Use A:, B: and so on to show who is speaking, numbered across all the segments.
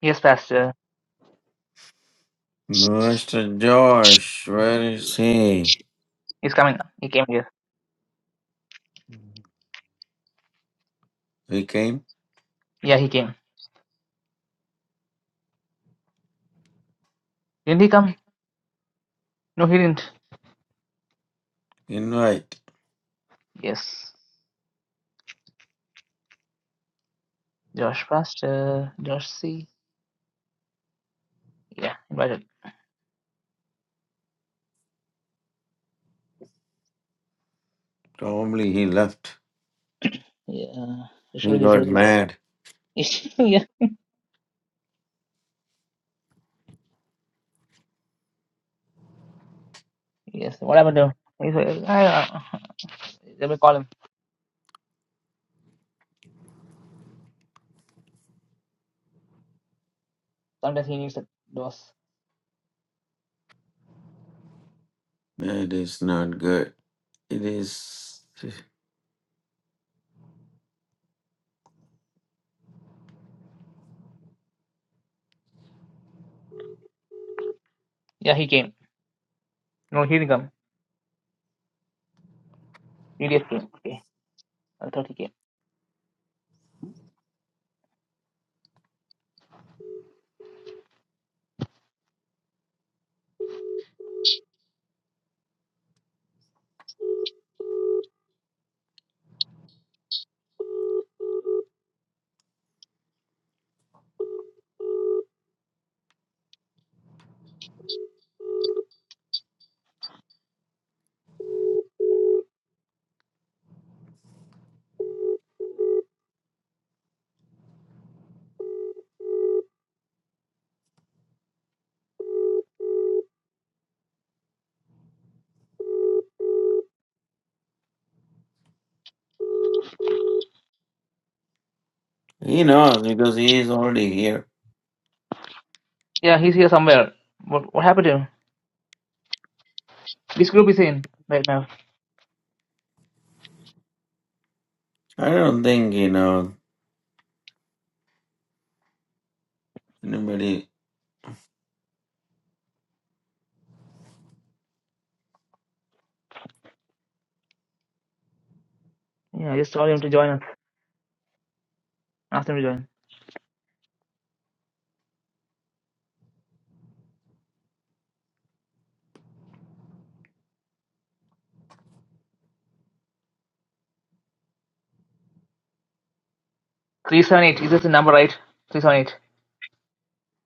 A: Yes, Pastor.
B: Mr. Josh, where is he?
A: He's coming. He came here.
B: He came?
A: Yeah, he came. Didn't he come? No, he didn't.
B: Invite.
A: Yes. Josh Pastor. Josh C. Yeah, invited.
B: Probably he left.
A: Yeah. He
B: He
A: should have
B: got
A: said no.
B: mad.
A: yeah. Yes. What happened to him? He's, uh, I, uh, let me call him. Sometimes he needs a dose.
B: That is not good. It is.
A: Yeah, he came. No, he didn't come. EDF came. Okay. I thought he came.
B: He knows because he is already here.
A: Yeah, he's here somewhere. What, what happened to him? This group is in right now.
B: I don't think, he knows. anybody.
A: Yeah, just told him to join us. Ask him to join. 378. Is this the number, right? 378.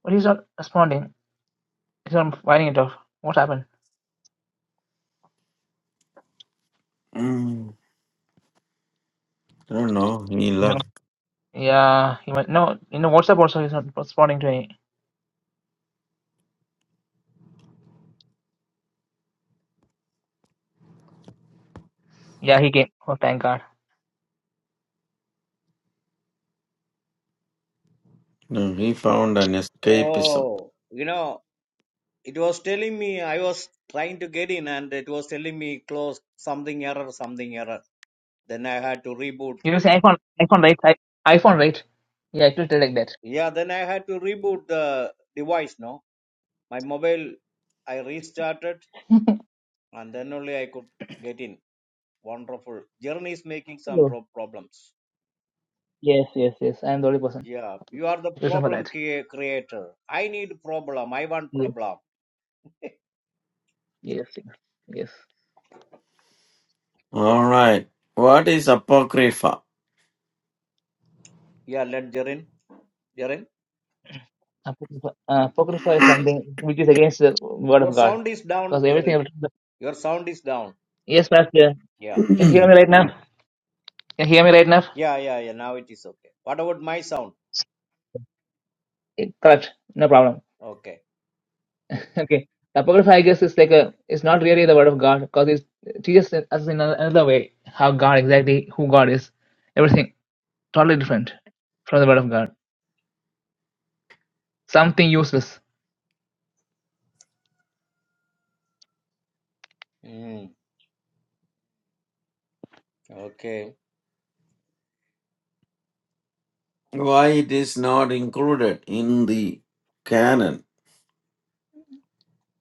A: But he's not responding. He's not firing it off. What happened?
B: Mm, I don't know. He
A: No.
B: left.
A: Yeah, he was no. in the WhatsApp also he's not responding to any. Yeah, he came. Oh, thank God.
B: No, he found an escapism.
C: Oh, you know, it was telling me I was trying to get in and it was telling me close something error, something error. Then I had to reboot.
A: You use iPhone, iPhone, right? I, iPhone, right? Yeah, it will tell like that.
C: Yeah, then I had to reboot the device, no? My mobile, I restarted and then only I could get in. Wonderful. Journey is making some
A: Hello.
C: pro- problems.
A: Yes, yes, yes. I am the only person.
C: Yeah, you are the
A: Reason for
C: problem
A: that.
C: crea- creator. I need problem. I want
A: Yes,
C: problem.
A: yes, yes. yes.
B: All right. What is Apocrypha?
C: Yeah, let Jerin. Jerin.
A: Apocrypha, uh, Apocrypha is something which is against the word
C: Your
A: of God,
C: sound is down,
A: because
C: Jerin.
A: everything.
C: Your sound is down.
A: Yes, Pastor.
C: Yeah.
A: Can you hear me
B: Why
A: right now? Can you hear me right now?
C: Yeah, yeah, yeah. Now it is okay. What about my sound?
A: Eh, Correct. No problem.
C: Okay.
A: Okay. The Apocrypha, I guess, is like a, it's not really the word of God because it teaches us in another another way how God exactly, who God is, everything totally different from the word of God. Something useless
C: Mm, okay.
B: it is not included in the canon?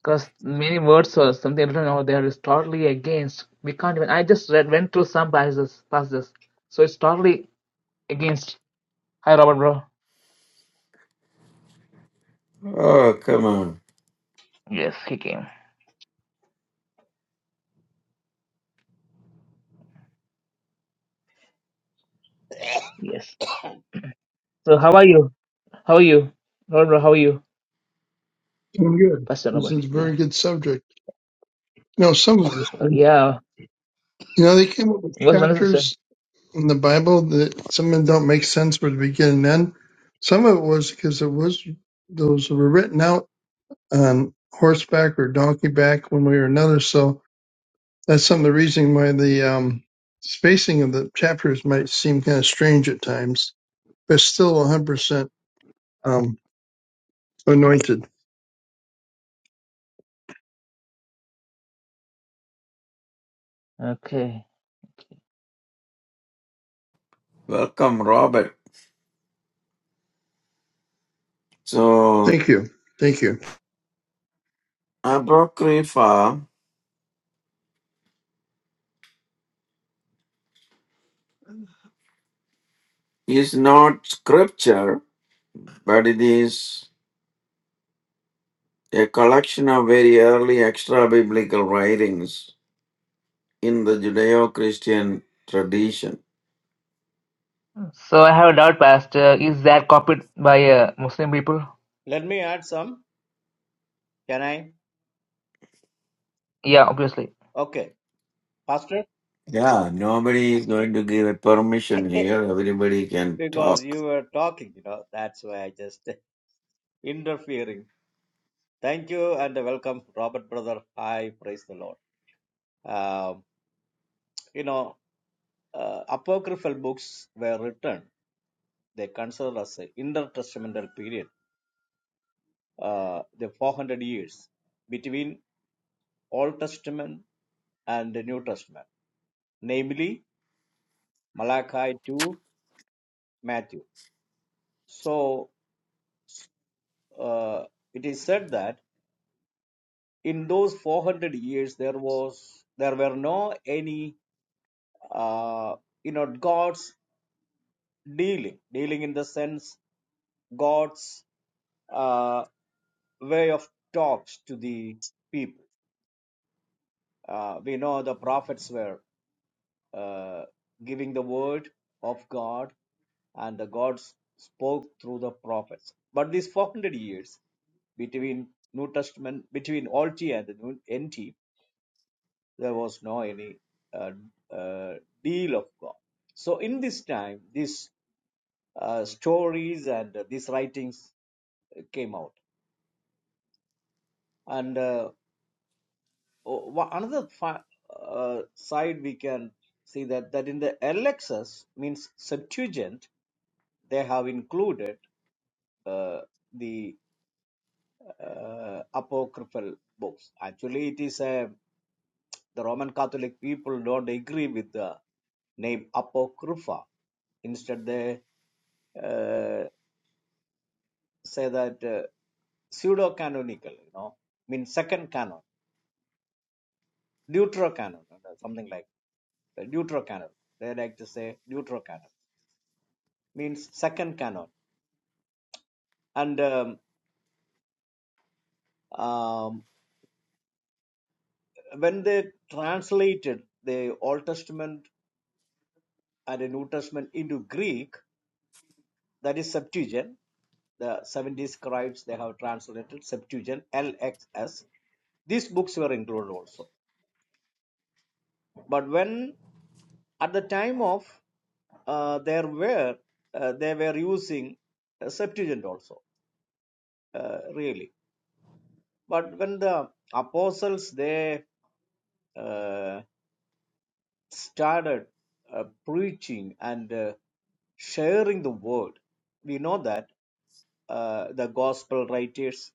A: because many words or something written over there is totally against. We can't even. I just read, went through some passages, passages, so it's totally against. Hi, Robert, bro.
B: Oh, come on.
A: Yes, he came. Yes. So how are you? How are you, Robert, bro? How are you,
D: Doing good.
A: Pastor
D: This
A: Robert?
D: is a
A: Yeah.
D: very good subject. You know, some of this,
A: Okay,
D: you
A: Yeah.
D: know, they came up with
A: What's going on, sister?
D: chapters in the Bible that some of them don't make sense for the beginning and end. Some of it was because it was those were written out on horseback or donkey back one way or another. So that's some of the reason why the um, spacing of the chapters might seem kind of strange at times, but still 100% um, anointed.
A: Okay.
B: Welcome, Robert. So,
D: Thank you. Thank you.
B: Apocrypha is not scripture, but it is a collection of very early extra biblical writings in the Judeo Christian tradition.
A: So I have a doubt, Pastor. Is that copied by uh, Muslim people?
C: Let me add some. Can I?
A: Yeah, obviously.
C: Okay. Faster?
B: Yeah, nobody is going to give a permission here. Everybody can
C: because
B: talk.
C: you were talking, you know. That's why I just interfering. Thank you and welcome, Robert brother. Hi, praise the Lord. Um, you know, uh, apocryphal books were written. They considered as an intertestamental period, uh, the 400 years between Old Testament and the New Testament, namely Malachi to Matthew. So uh, it is said that in those 400 years there was there were no any uh, you know God's dealing dealing in the sense God's uh, way of talks to the people. Uh, we know the prophets were uh, giving the word of God, and the gods spoke through the prophets. But these 400 years between New Testament, between Old T and the New NT, there was no any uh, uh, deal of God. So in this time, these uh, stories and uh, these writings uh, came out. And uh, o- one- another fa- uh, side we can see that that in the LXS means Septuagint, they have included uh, the uh, apocryphal books. Actually, it is a the Roman Catholic people don't agree with the name apocrypha. Instead, they uh, say that uh, pseudo-canonical, you know, means second canon, deuterocanon, uh, something like that, deuterocanon. They like to say deuterocanon means second canon. And um, um, when they translated the Old Testament and the New Testament into Greek, that is Septuagint, the 70 scribes they have translated Septuagint LXS. These books were included also. But when at the time of uh, there were uh, they were using uh, Septuagint also uh, really. But when the apostles they uh, started uh, preaching and uh, sharing the word, we know that uh, the gospel writers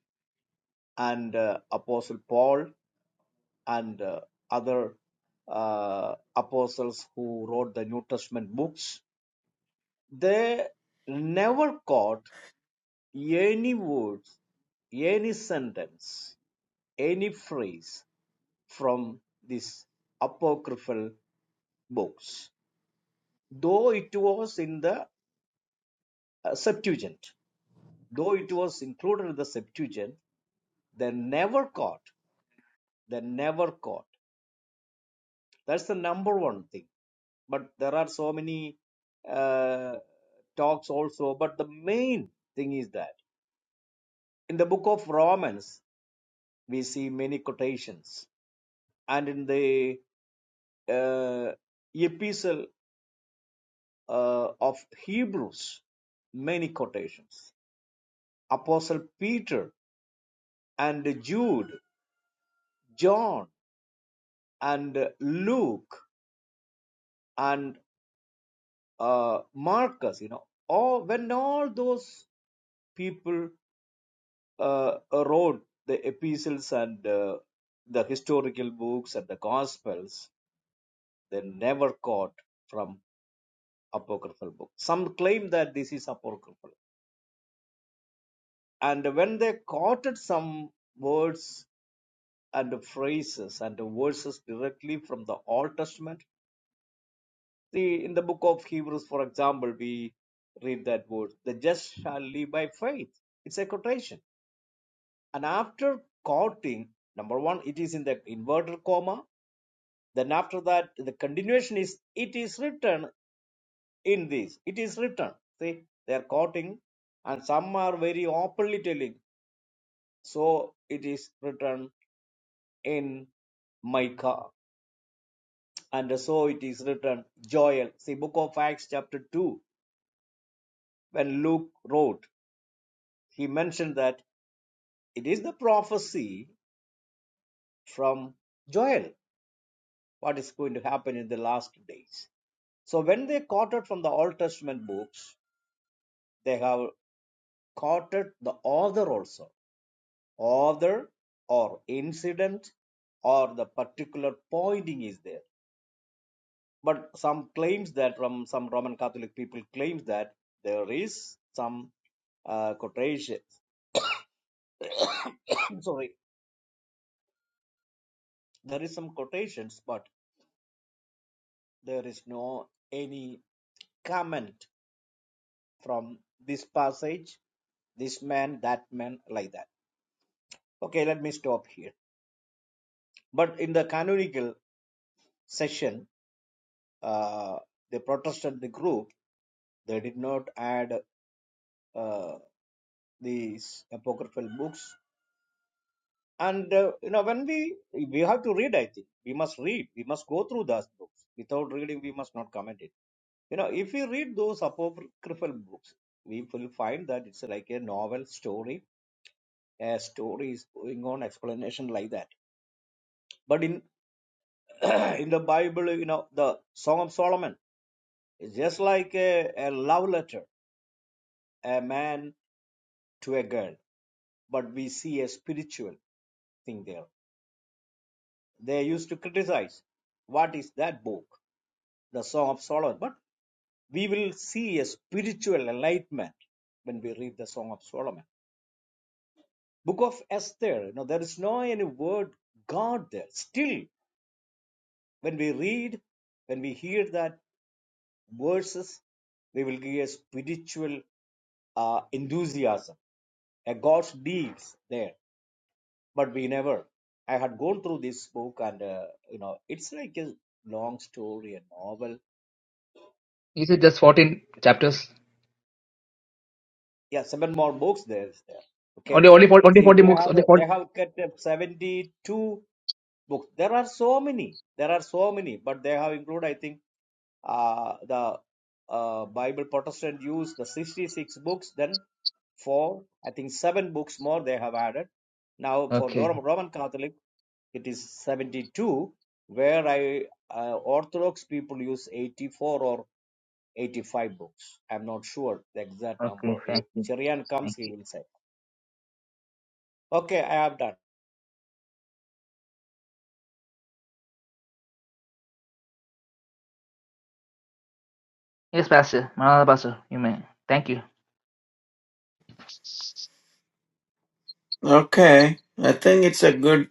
C: and uh, Apostle Paul and uh, other uh, apostles who wrote the New Testament books, they never caught any words, any sentence, any phrase from these apocryphal books, though it was in the uh, Septuagint, though it was included in the Septuagint, they never caught, they never caught. That's the number one thing but there are so many uh, talks also but the main thing is that in the book of romans we see many quotations and in the uh, epistle uh, of hebrews many quotations apostle peter and jude john and luke and uh, marcus you know all when all those people uh, wrote the epistles and uh, the historical books and the gospels they never caught from apocryphal books. some claim that this is apocryphal and when they quoted some words and phrases and verses directly from the old testament see in the book of hebrews for example we read that word the just shall live by faith it's a quotation and after quoting number one it is in the inverted comma Then after that, the continuation is, it is written in this. It is written. See, they are quoting, and some are very openly telling, so it is written in Micah, and so it is written Joel. See, book of Acts, chapter 2, when Luke wrote, he mentioned that it is the prophecy from Joel, what is going to happen in the last days. So when they quoted from the Old Testament books, they have quoted the author also author or incident or the particular pointing is there but some claims that from some roman catholic people claims that there is some uh, quotations I'm sorry there is some quotations but there is no any comment from this passage this man that man like that okay let me stop here but in the canonical session uh, the protestant the group they did not add uh, these apocryphal books and uh, you know when we we have to read i think we must read we must go through those books without reading we must not comment it you know if we read those apocryphal books we will find that it's like a novel story a story is going on explanation like that but in in the bible you know the song of solomon is just like a, a love letter a man to a girl but we see a spiritual thing there They used to criticize what is that book, the Song of Solomon. But we will see a spiritual enlightenment when we read the Song of Solomon. Book of Esther, you know, there is no any word God there. Still, when we read, when we hear that verses, we will get a spiritual uh, enthusiasm, a God's deeds there. But we never. I had gone through this book, and uh, you know, it's like a long story, a novel
A: Is it just 14 chapters?
C: yeah seven more books there is there okay
A: Only, only, 40, only
C: see
A: 40
C: they
A: books.
C: have
A: Only 40.
C: they have kept up 72 books there are so many there are so many but they have included i think uh, the uh, bible protestant use the 66 books then four i think seven books more they have added now for the
A: Okay.
C: roman catholic it is 72 where i uh, orthodox people use 84 or 85 books. I'm not sure the exact number.
A: Okay. Thank
C: If
A: you.
C: Cherian comes,
A: Thank
C: he
A: you.
C: will say, "Okay, I have done."
A: Yes, Pastor. Another Pastor. You may. Thank you.
B: Okay, I think it's a good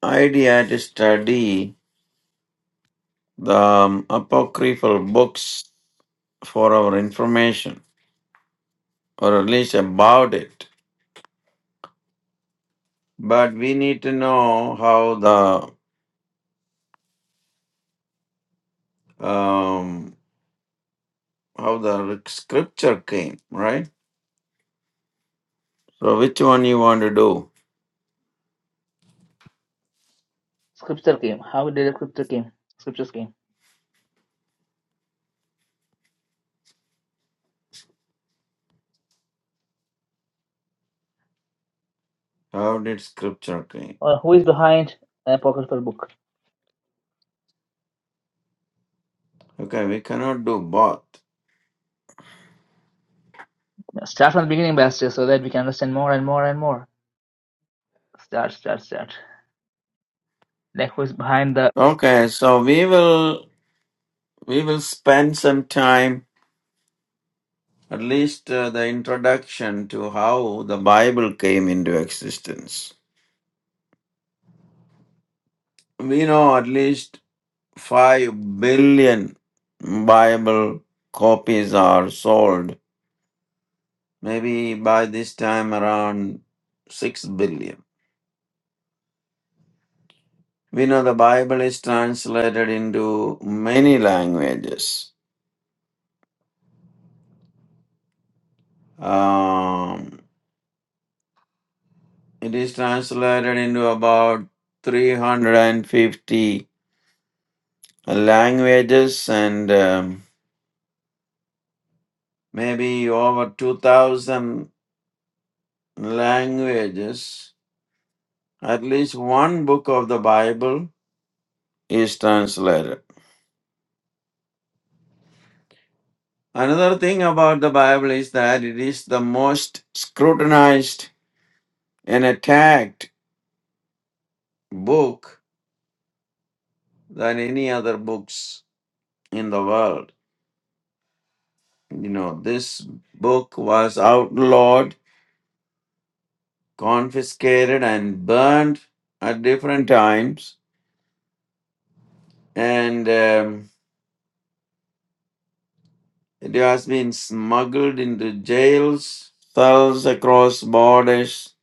B: idea to study the um, apocryphal books for our information. or at least about it. But we need to know how the um, how the scripture came, right? So which one you want to do?
A: Scripture came. How did scripture came? Scriptures came.
B: How did scripture came?
A: Or who is behind the apocryphal book?
B: Okay, we cannot do both.
A: Start from the beginning, Pastor, so that we can understand more and more and more. Start, start, start. Like who is behind the?
B: Okay, so we will we will spend some time at least uh, the introduction to how the Bible came into existence. We know at least five billion Bible copies are sold maybe by this time around 6 billion. We know the Bible is translated into many languages. Um, it is translated into about 350 languages and um, maybe over 2000 languages. At least one book of the Bible is translated. Another thing about the Bible is that it is the most scrutinized an attacked book than any other books in the world. You know, this book was outlawed, confiscated, and burned at different times, and um, it has been smuggled into jails, cells across borders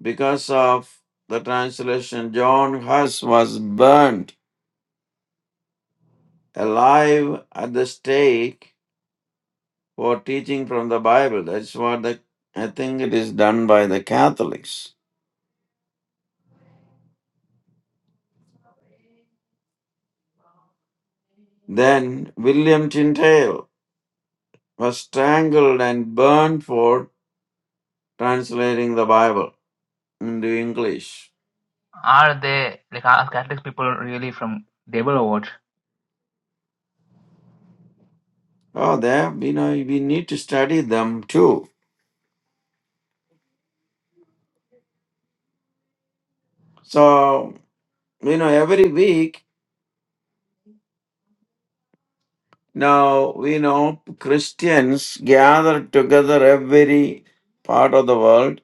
B: because of the translation. John Huss was burned alive at the stake for teaching from the Bible. That's what the, I think it is done by the Catholics. Then William Tyndale was strangled and burned for translating the Bible into English.
A: Are they like are Catholic people really from devil or what?
B: Oh, there you know we need to study them too. So you know every week now we know Christians gather together every part of the world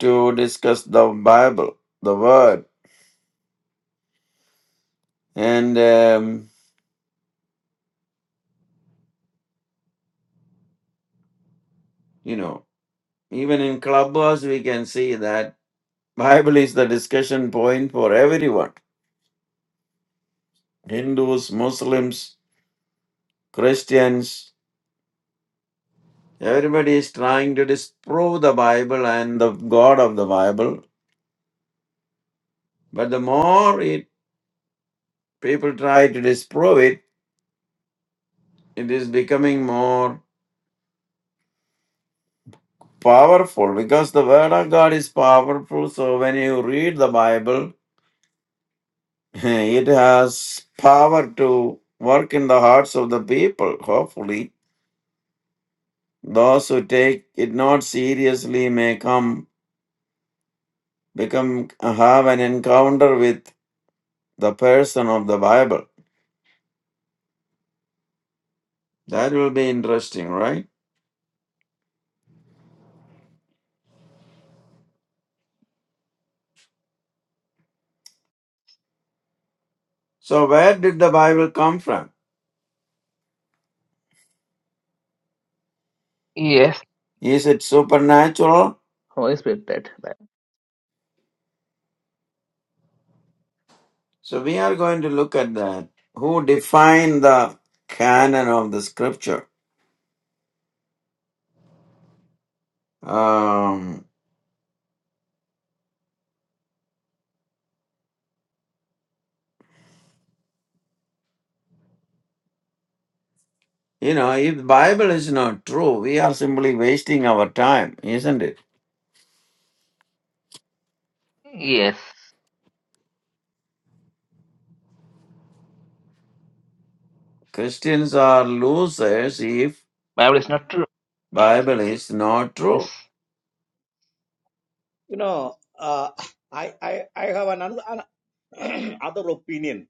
B: to discuss the Bible, the Word, and um, you know Even in clubhouse, we can see that Bible is the discussion point for everyone. Hindus, Muslims, Christians, everybody is trying to disprove the Bible and the God of the Bible. But the more it, people try to disprove it, it is becoming more powerful because the Word of God is powerful. So when you read the Bible, it has power to work in the hearts of the people, hopefully Those who take it not seriously may come become have an encounter with the person of the Bible. That will be interesting, right? So where did the Bible come from?
A: Yes.
B: Is it supernatural?
A: Holy Spirit that. Bi-
B: So we are going to look at that. Who defined the canon of the scripture? Um you know, if the Bible is not true, we are simply wasting our time, isn't it?
A: Yes.
B: Christians are losers if
A: Bible is not true.
B: Bible is not true.
A: Yes.
C: You know, uh, I, I I have another an, other opinion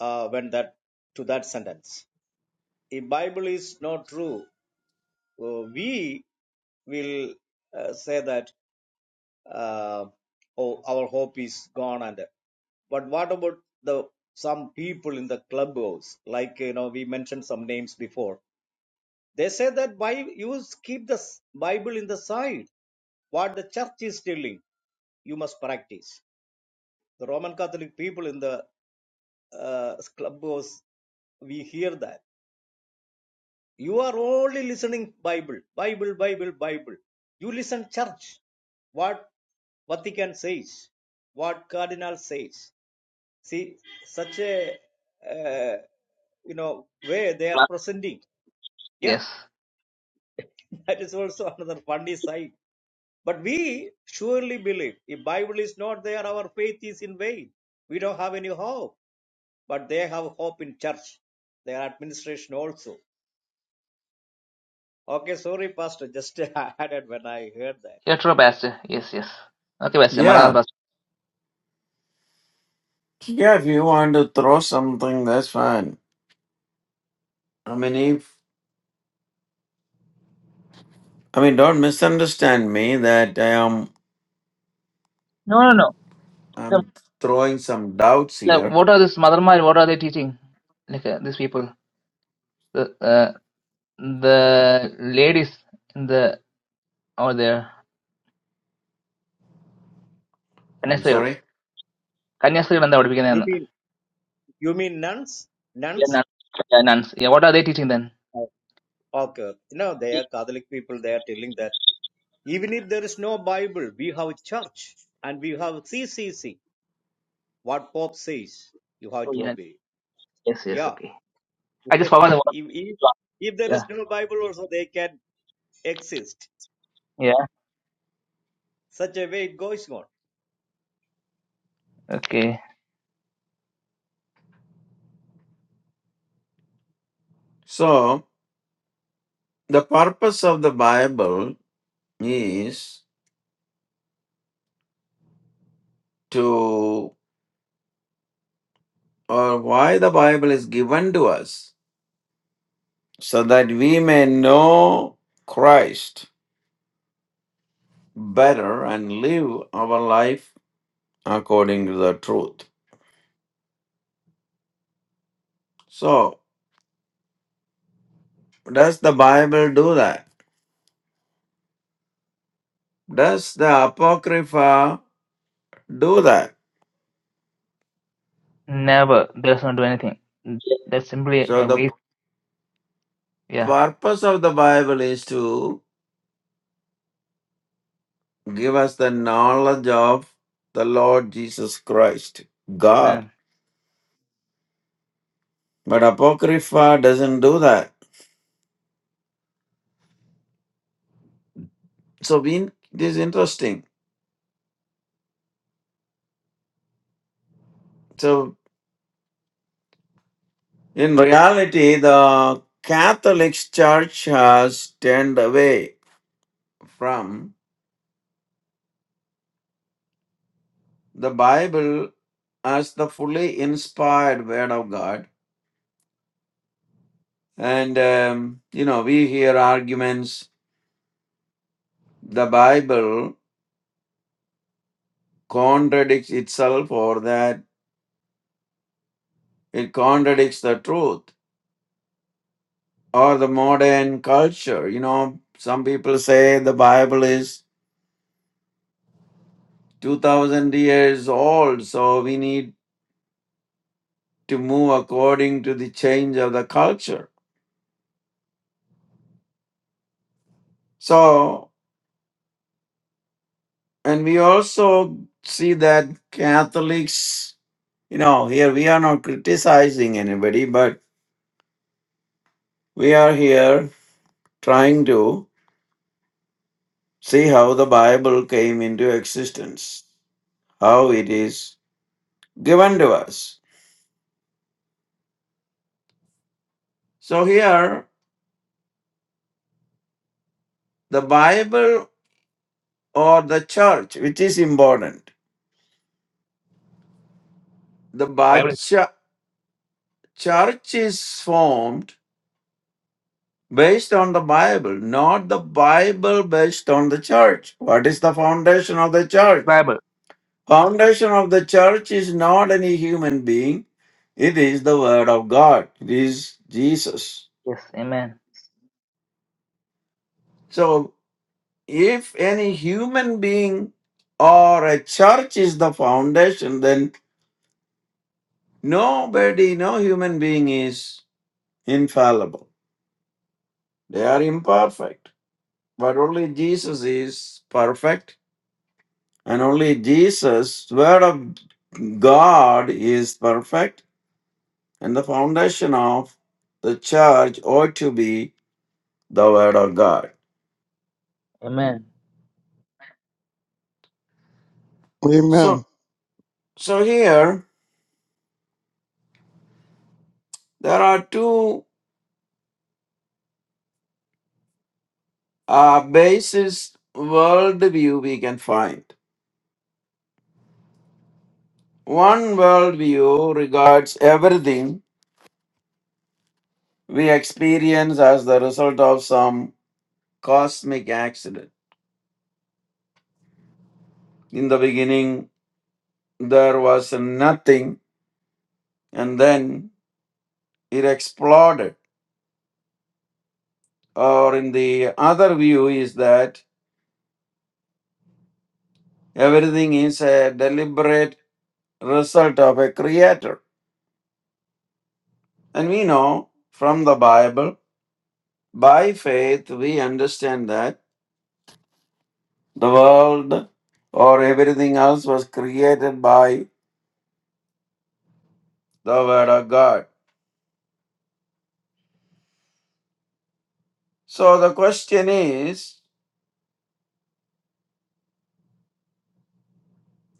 C: uh, when that to that sentence. If Bible is not true, uh, we will uh, say that uh, oh, our hope is gone and but what about the some people in the clubhouse? Like you know, we mentioned some names before They say that by you keep the Bible in the side. What the church is telling, you must practice. The Roman Catholic people in the uh, clubhouse, we hear that. You are only listening Bible, Bible, Bible, Bible. You listen church. What Vatican says, what Cardinal says. See, such a uh, you know way they are
A: Ba-
C: presenting. Yeah,
A: Yes.
C: that is also another funny side. But we surely believe. If Bible is not there, our faith is in vain. We don't have any hope. But they have hope in church, their administration also. Okay, sorry, Pastor, just added when I heard that.
A: You're true, Pastor. Yes, yes. Okay, Pastor. Maranatha,
B: Yeah,
A: Pastor.
B: yeah. If you want to throw something, that's fine. I mean, if I mean, don't misunderstand me that I am
A: No, no, no. The,
B: I'm throwing some doubts
A: the,
B: here.
A: what are this Mother Mary? What are they teaching? Like uh, these people, the uh, the ladies in the over there,
B: I'm
A: കന്യാസ്ത്രീകൾ
B: sorry.
A: കന്യാസ്ത്രീകൾ എന്താ
C: You
A: പഠിപ്പിക്കുന്നതെന്ന്
C: mean you mean nuns?
A: Yeah,
C: Nuns?
A: nuns. Yeah, nuns. Yeah, what are they teaching then?
C: Oh, Okay. No, they are
A: Yeah.
C: Catholic people, they are telling that even if there is no Bible, we have church and we have CCC. What Pope says, you
A: Oh,
C: have to
A: yeah.
C: obey.
A: Yes, yes,
C: Yeah.
A: okay. I just
C: if,
A: forgot the word.
C: if if there
A: Yeah.
C: is no Bible also, they can exist.
A: Yeah.
C: Such a way it goes on.
A: Okay.
B: So the purpose of the Bible is to, or why the Bible is given to us, so that we may know Christ better and live our life according to the truth. So does the Bible do that? Does the Apocrypha do that?
A: Never. Does not do anything. That's simply
B: So,
A: a
B: the
A: waste. Yeah.
B: purpose of the Bible is to give us the knowledge of the Lord Jesus Christ, God.
A: Man.
B: But Apocrypha doesn't do that. So, we, it is interesting. So, in reality, the Catholic Church has turned away from the Bible as the fully inspired Word of God. And, um, you know, we hear arguments the Bible contradicts itself or that it contradicts the truth or the modern culture. You know, some people say the Bible is 2000 years old, so we need to move according to the change of the culture. So, and we also see that Catholics, you know, here we are not criticizing anybody, but we are here trying to see how the Bible came into existence. how it is given to us. So here, the Bible or the church, which is important. The Bi-
A: Bible.
B: chu- church is formed based on the Bible, not the Bible based on the church. What is the foundation of the church?
A: Bible.
B: Foundation of the church is not any human being. It is the word of God. It is Jesus.
A: Yes. Amen.
B: So. if any human being or a church is the foundation, then nobody, no human being is infallible. They are imperfect. But only Jesus is perfect, and only Jesus, Word of God, is perfect, and the foundation of the church ought to be the Word of God.
A: Amen.
D: Amen.
B: So, so here there are two uh, basis worldview we can find. One worldview regards everything we experience as the result of some cosmic accident. In the beginning, there was nothing, and then it exploded. Or in the other view, is that everything is a deliberate result of a creator. And we know from the Bible, by faith, we understand that The world or everything else was created by the Word of God. So the question is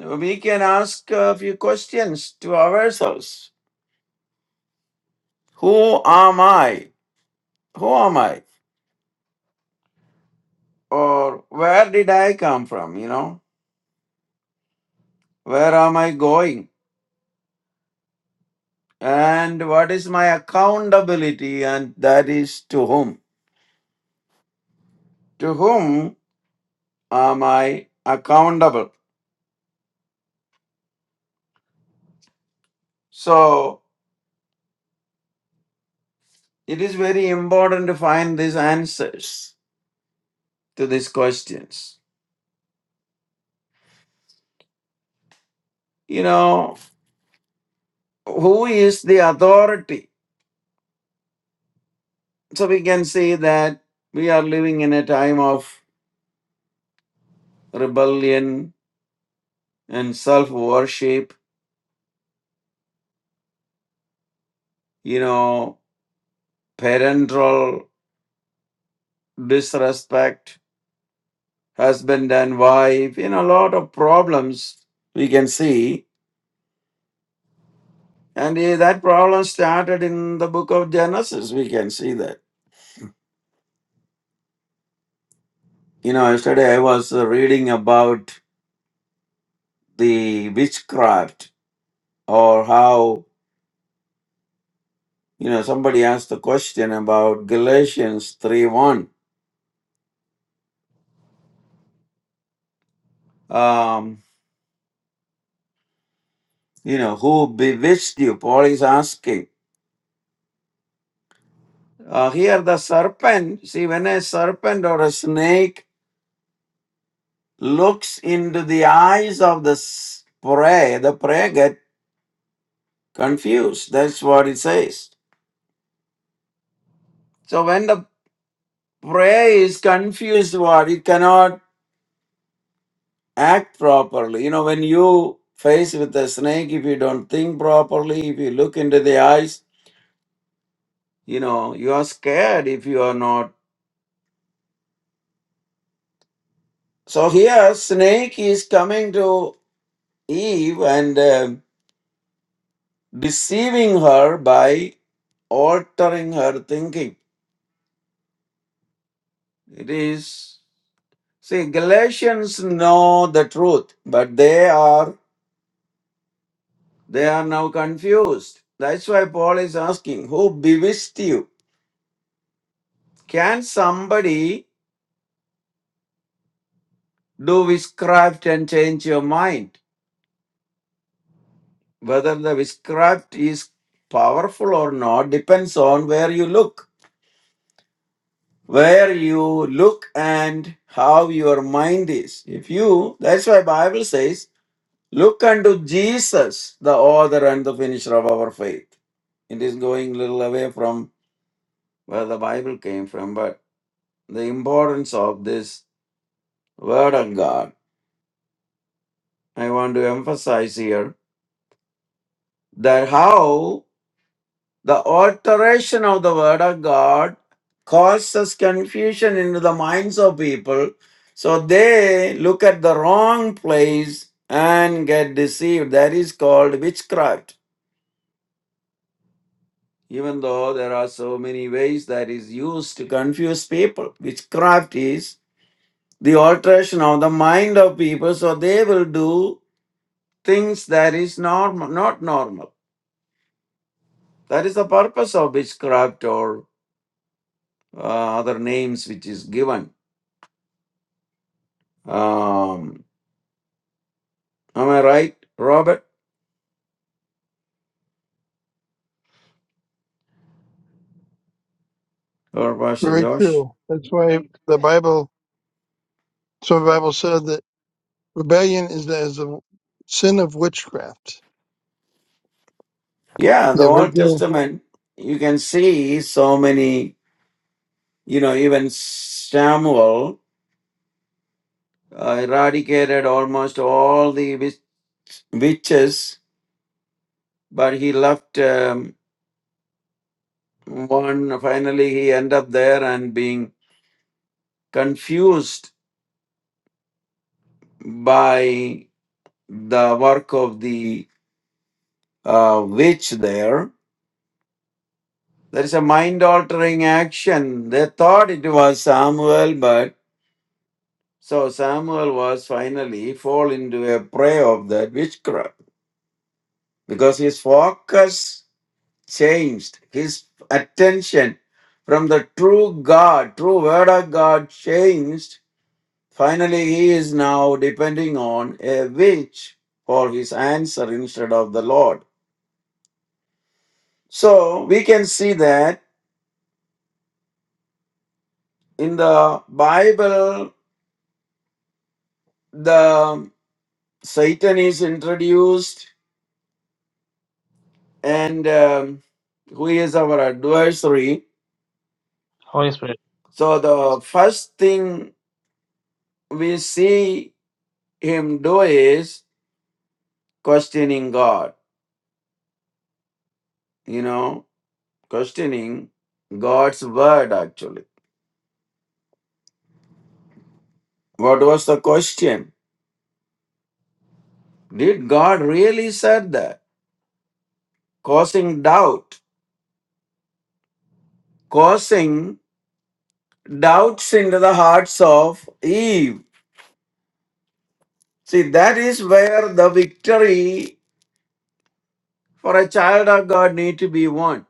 B: we can ask a few questions to ourselves Who am I? Who am I? Or where did I come from? You know, where am I going? And what is my accountability? And that is to whom? To whom am I accountable? So it is very important to find these answers to these questions. You know, who is the authority? So we can see that we are living in a time of rebellion and self worship, you know, parental disrespect, husband and wife, you know, a lot of problems we can see. And eh, that problem started in the book of Genesis. We can see that. You know, yesterday I was uh, reading about the witchcraft or how You know, somebody asked the question about Galatians 3 1. Um, you know, who bewitched you? Paul is asking. Uh, here, the serpent, see, when a serpent or a snake looks into the eyes of the s- prey, the prey get confused. That's what it says. So, when the prey is confused, what it cannot act properly. You know, when you face with a snake, if you don't think properly, if you look into the eyes, you know you are scared if you are not so here snake is coming to eve and um deceiving her by altering her thinking it is see galatians know the truth but they are they are now confused that's why paul is asking who bewitched you can somebody do witchcraft and change your mind Whether the witchcraft is powerful or not depends on where you look. Where you look and how your mind is. If you, that's why Bible says, look unto Jesus, the author and the finisher of our faith. It is going little away from where the Bible came from, but the importance of this word of God. I want to emphasize here that how The alteration of the word of God causes confusion into the minds of people. So they look at the wrong place and get deceived. That is called witchcraft. Even though there are so many ways that is used to confuse people, witchcraft is the alteration of the mind of people. So they will do things that is normal, not normal. That is the purpose of witchcraft or uh, other names which is given. Um, am I right, Robert or Pastor
D: Very
B: Josh?
D: true. That's why the Bible So the Bible said that rebellion is the, is the sin of witchcraft.
B: Yeah, the
D: The
B: Old
D: original,
B: Testament, you can see so many, you know, even Samuel uh, eradicated almost all the witch- witches, but he left um, one. Finally, he ended up there and being confused by the work of the uh, witch there There is a mind altering action. They thought it was Samuel, but so Samuel was finally fall into a prey of that witchcraft because his focus changed. His attention from the true God, true word of God changed. Finally, he is now depending on a witch for his answer instead of the Lord. So we can see that in the Bible, the Satan is introduced, and um, who is our adversary.
A: Holy Spirit.
B: So, the first thing we see him do is questioning God, you know, questioning God's word actually. What was the question? Did God really said that? Causing doubt, causing doubts into the hearts of Eve. See, that is where the victory For a child of God need to be one.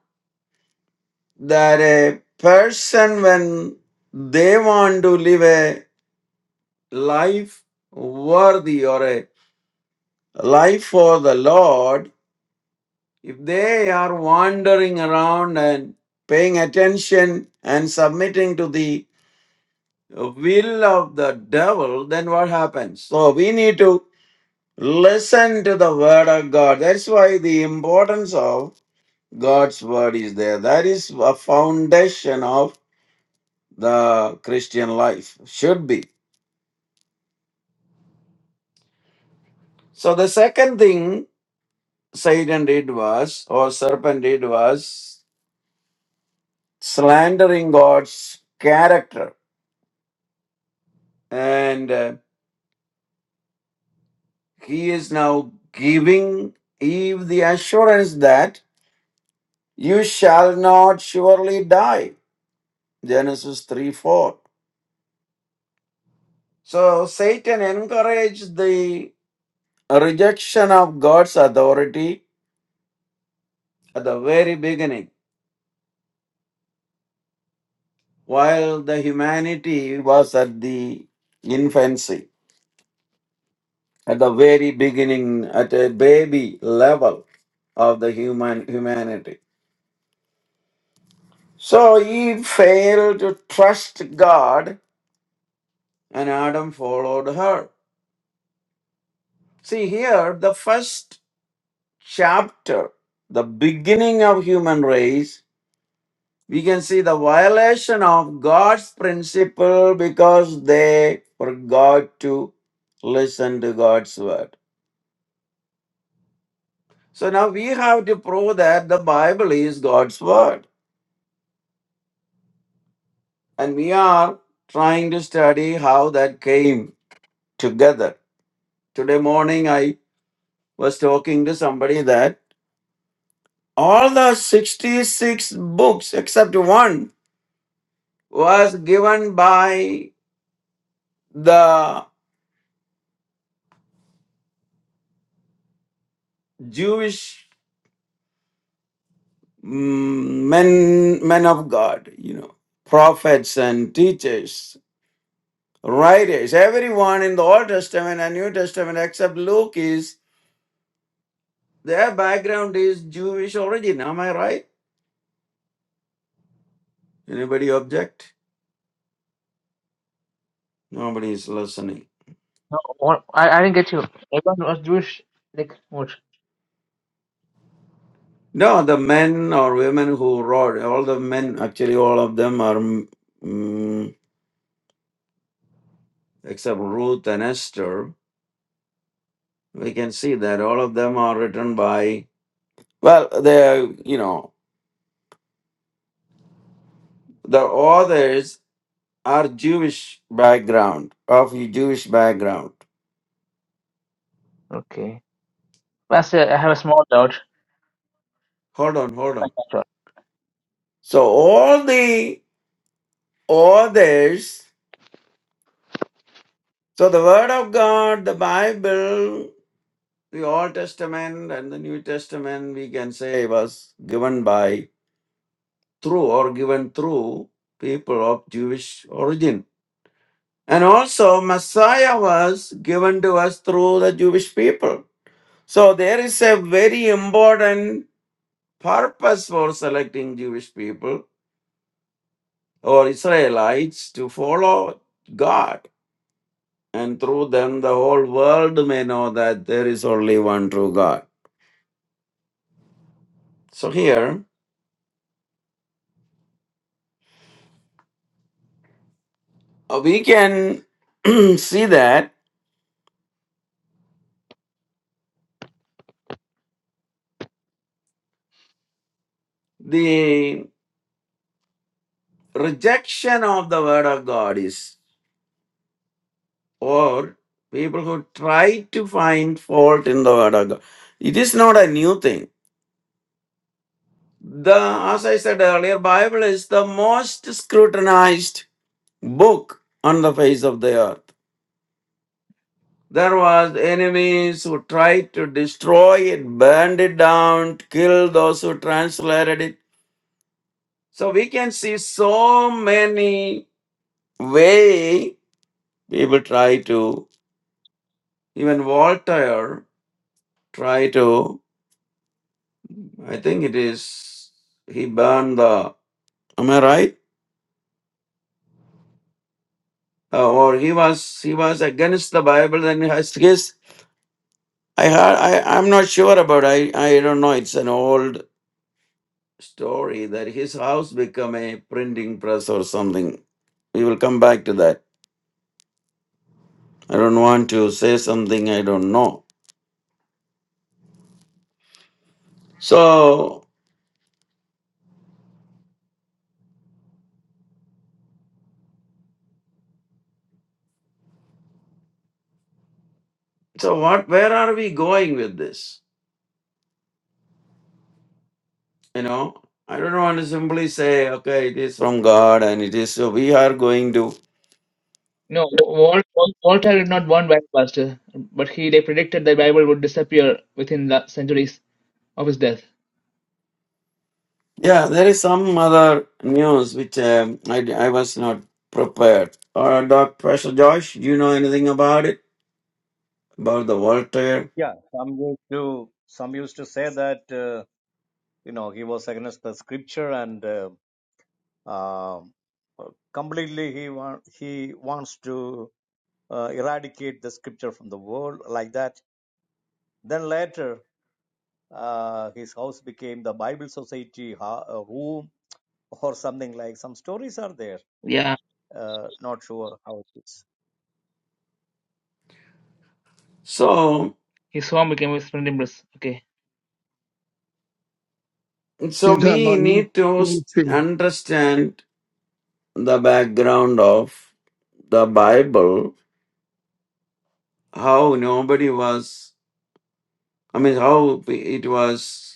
B: That a person when they want to live a life worthy or a life for the Lord, if they are wandering around and paying attention and submitting to the will of the devil, then what happens? So we need to listen to the word of God. That's why the importance of God's word is there. That is a foundation of the Christian life should be. So the second thing Satan did was, or serpent did was, slandering God's character. And uh, he is now giving Eve the assurance that you shall not surely die. Genesis 3 4. So Satan encouraged the rejection of God's authority at the very beginning while the humanity was at the infancy, at the very beginning, at a baby level of the human humanity. So Eve failed to trust God and Adam followed her. See here, the first chapter, the beginning of human race, we can see the violation of God's principle because they forgot to listen to God's word. So now we have to prove that the Bible is God's word. And we are trying to study how that came together. Today morning, I was talking to somebody that all the 66 books except one was given by the Jewish mm, men, men of God, you know, prophets and teachers, writers. Everyone in the Old Testament and New Testament except Luke is Their background is Jewish origin. Am I right? Anybody object? Nobody is listening.
A: No, what? I, I didn't get you. Everyone was Jewish. Like what?
B: No, the men or women who wrote, all the men, actually, all of them are, mm mm, except Ruth and Esther, we can see that all of them are written by, well, they, you know, the authors are Jewish background, of Jewish background.
A: Okay. Pastor, I have a small doubt.
B: Hold on, hold on. So all the authors So the Word of God, the Bible, the Old Testament and the New Testament, we can say was given by through or given through people of Jewish origin. And also Messiah was given to us through the Jewish people. So there is a very important purpose for selecting Jewish people or Israelites to follow God. And through them, the whole world may know that there is only one true God. So here uh, we can see that the rejection of the word of God is, or people who try to find fault in the word of God. It is not a new thing. The as I said earlier, Bible is the most scrutinized book on the face of the earth. There was enemies who tried to destroy it, burned it down, killed those who translated it. So we can see so many way people try to even Voltaire try to I think it is he burned the am I right Uh, or he was he was against the Bible and his his I heard I I'm not sure about I I don't know it's an old story that his house become a printing press or something we will come back to that I don't want to say something I don't know so so what where are we going with this You know, I don't want to simply say, okay, it is from God and it is so. We are going to.
A: No, Wal- Wal- Walter did not want Bible, Pastor, but he they predicted the Bible would disappear within the centuries of his death.
B: Yeah, there is some other news which um, I, I was not prepared. Uh, Dr. Professor Josh, do you know anything about it? About the Voltaire?
C: Yeah, some used to some used to say that uh, you know he was against the scripture and uh, um, completely he wa- he wants to uh, eradicate the scripture from the world like that. Then later uh, his house became the Bible Society ha- uh, room or something like. Some stories are there.
A: Yeah,
C: Uh, not sure how it is.
B: So,
A: his home became his printing press. Okay.
B: so
D: you're talking
B: we
D: about New,
B: need to s-
D: New Tree.
B: understand the background of the Bible, how nobody was, I mean, how it was.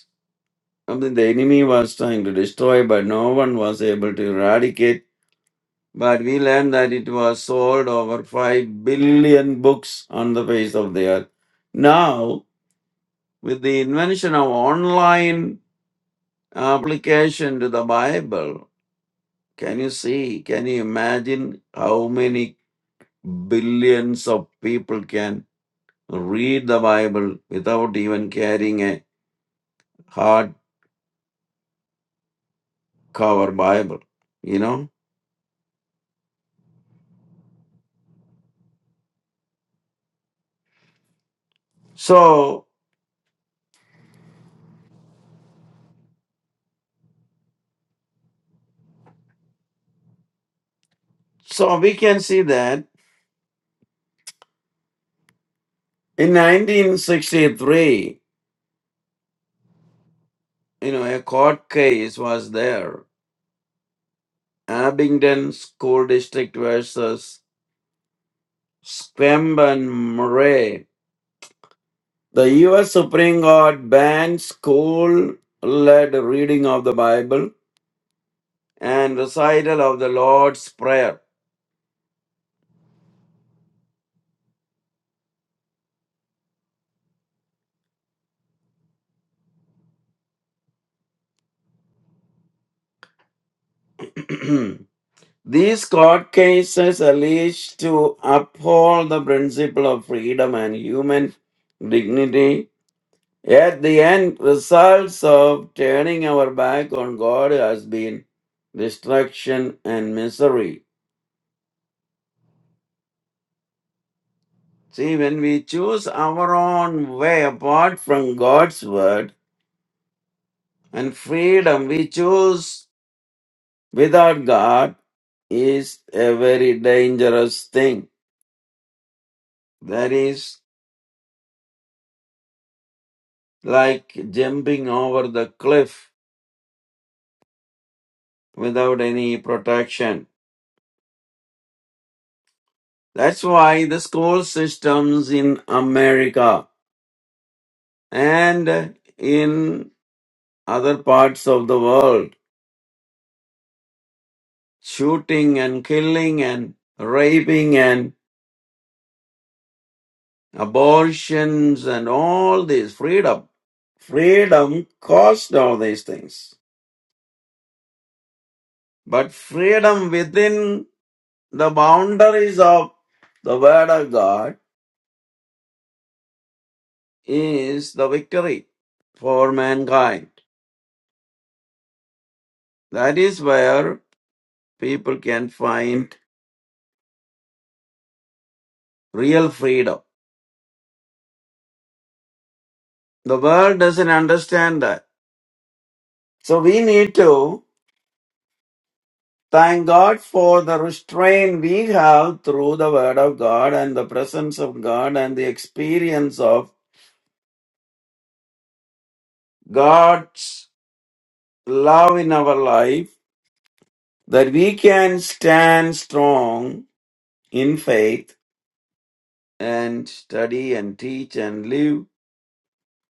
B: Something the enemy was trying to destroy, but no one was able to eradicate. But we learned that it was sold over 5 billion books on the face of the earth. Now, with the invention of online application to the Bible, can you see, can you imagine how many billions of people can read the Bible without even carrying a hardcover Bible? You know? So, So we can see that in 1963, you know, a court case was there. Abingdon School District versus Squamben Murray. The U.S. Supreme Court banned school led reading of the Bible and recital of the Lord's Prayer. These court cases alleged to uphold the principle of freedom and human dignity Yet the end results of turning our back on God has been destruction and misery. See, when we choose our own way apart from God's word and freedom we choose without God is a very dangerous thing. That is like jumping over the cliff without any protection. That's why the school systems in America and in other parts of the world, shooting and killing and raping and abortions and all this freedom. Freedom caused all these things. But freedom within the boundaries of the Word of God is the victory for mankind. That is where people can find real freedom. The world doesn't understand that. So we need to thank God for the restraint we have through the Word of God and the presence of God and the experience of God's love in our life that we can stand strong in faith and study and teach and live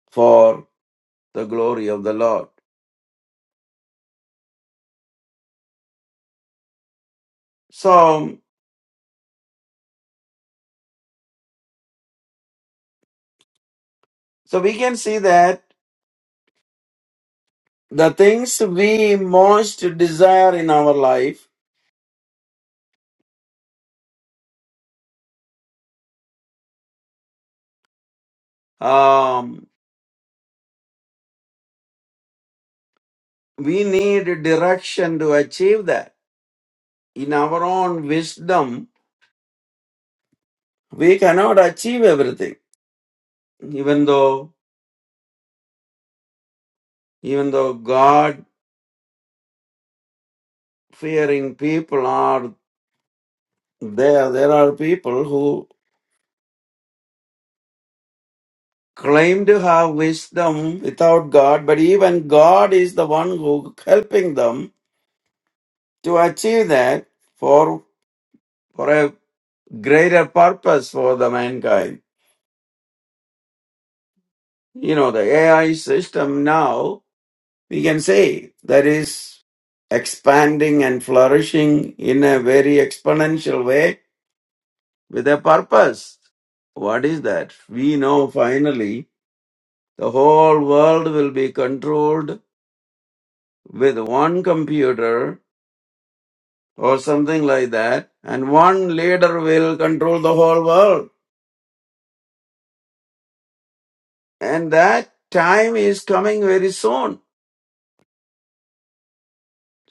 B: for the glory of the Lord. So, so we can see that the things we most desire in our life um. We need direction to achieve that. In our own wisdom, we cannot achieve everything. Even though, even though God fearing people are there, there are people who claim to have wisdom without God, but even God is the one who helping them to achieve that for, for a greater purpose for the mankind. You know, the AI system now we can say that is expanding and flourishing in a very exponential way with a purpose. What is that? We know finally the whole world will be controlled with one computer or something like that, and one leader will control the whole world. And that time is coming very soon.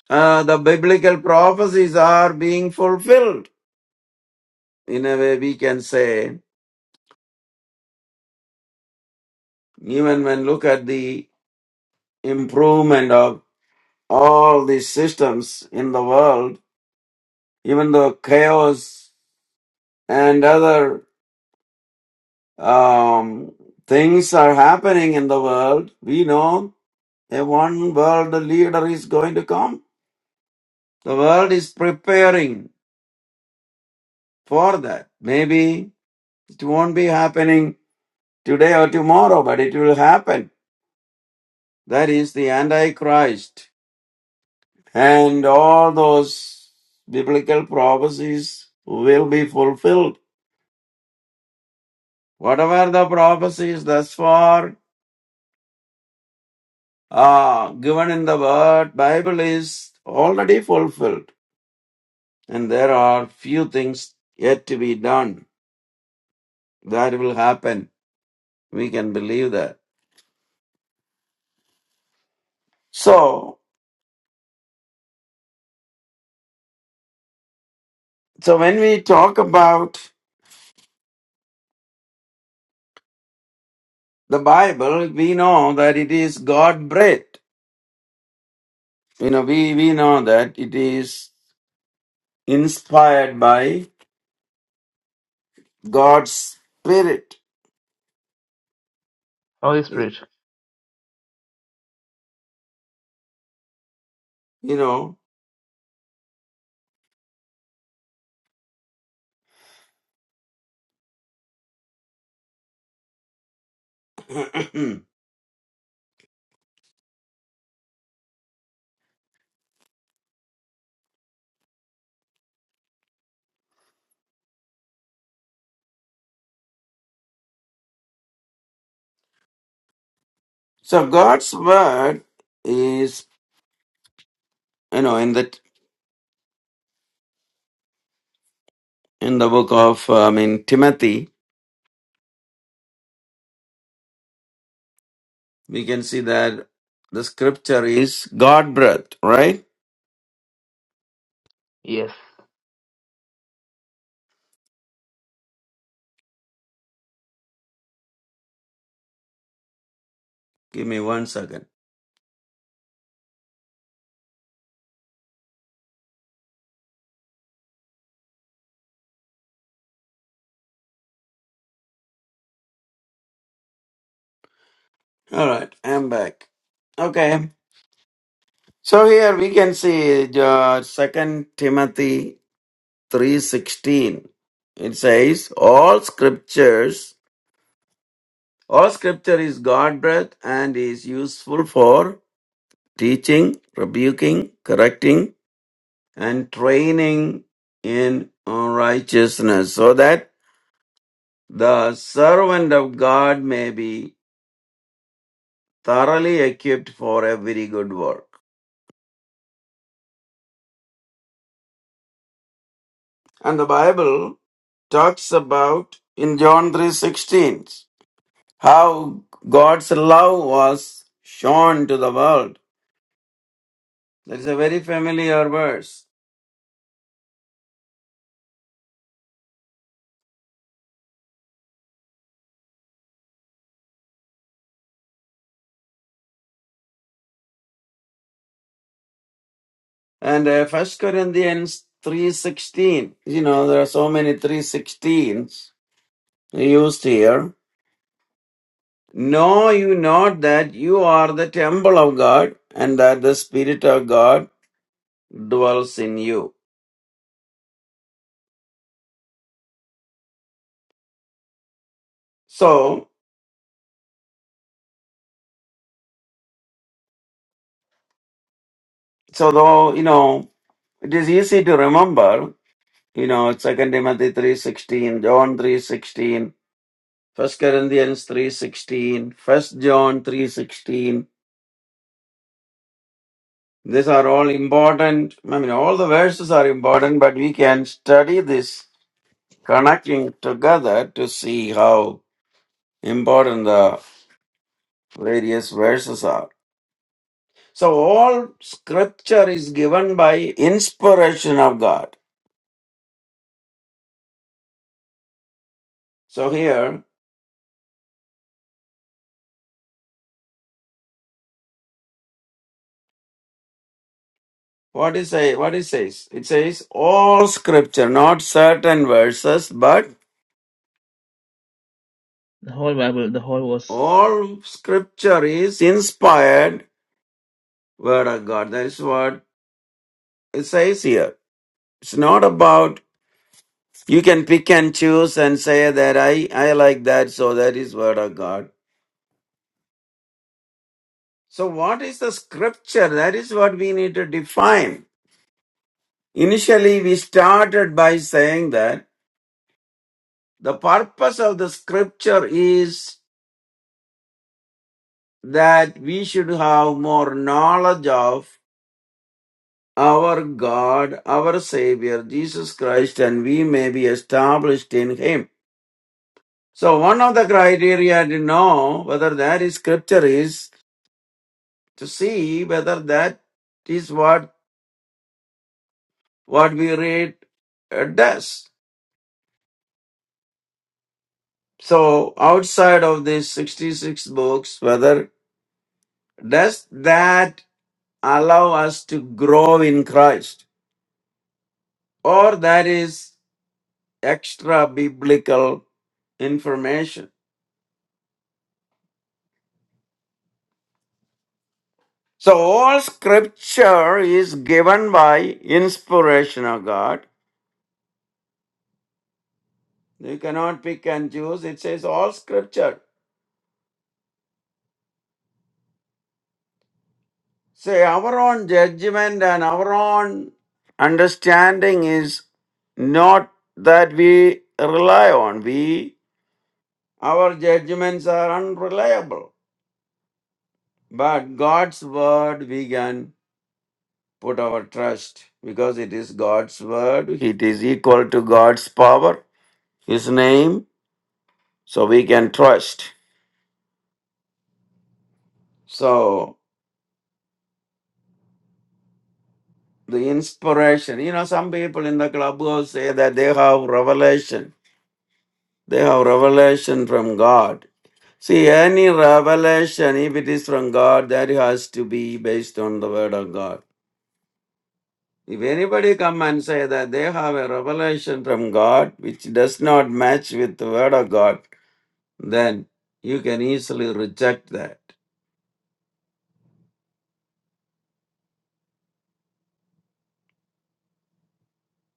B: Uh, the biblical prophecies are being fulfilled. In a way, we can say Even when look at the improvement of all these systems in the world, even though chaos and other um, things are happening in the world, we know a one world leader is going to come. The world is preparing for that. Maybe it won't be happening today or tomorrow, but it will happen. That is the Antichrist and all those biblical prophecies will be fulfilled. Whatever the prophecies thus far are given in the word, Bible is already fulfilled. And there are few things yet to be done. That will happen. We can believe that. So, so when we talk about the Bible, we know that it is God breathed. You know, we, we know that it is inspired by God's spirit,
A: Holy
B: you
A: Spirit.
B: know. so God's word is, you know, in the in the book of, uh, I mean, Timothy, we can see that the scripture is God breathed right?
A: Yes.
B: Give me one second. All right, I'm back. Okay, so here we can see uh, Second Timothy three sixteen. It says, "All scriptures, all scripture is God breathed and is useful for." teaching, rebuking, correcting, and training in righteousness, so that the servant of God may be thoroughly equipped for every good work. And the Bible talks about in John 3:16 how God's love was shown to the world. That's a very familiar verse. And uh, 1 Corinthians 3:16, you know, there are so many 3:16s used here. Know you not that you are the temple of God and that the Spirit of God dwells in you. So, so though, you know, it is easy to remember, you know, Second Timothy 3.16, John three sixteen, First Corinthians three sixteen, First John 3.16. These are all important. I mean, all the verses are important, but we can study this connecting together to see how important the various verses are. So all scripture is given by inspiration of God. So here, what is say what it says? It says all scripture, not certain verses, but
A: The whole Bible, the whole was.
B: all scripture is inspired word of God. That is what it says here. It's not about you can pick and choose and say that I, I like that, so that is word of God. So what is the scripture? That is what we need to define. Initially, we started by saying that the purpose of the scripture is that we should have more knowledge of our God, our Savior, Jesus Christ, and we may be established in Him. So, one of the criteria to know whether that is scripture is to see whether that is what, what we read uh, does. So, outside of these 66 books, whether does that allow us to grow in Christ, or that is extra biblical information. So, all scripture is given by inspiration of God. You cannot pick and choose. It says all scripture. Say, our own judgment and our own understanding is not that we rely on. We, our judgments are unreliable. But God's word we can put our trust because it is God's word, it is equal to God's power, His name, so we can trust. So, the inspiration, you know, some people in the clubhouse say that they have revelation, they have revelation from God. See, any revelation, if it is from God, that has to be based on the word of God. If anybody come and say that they have a revelation from God which does not match with the word of God, then you can easily reject that.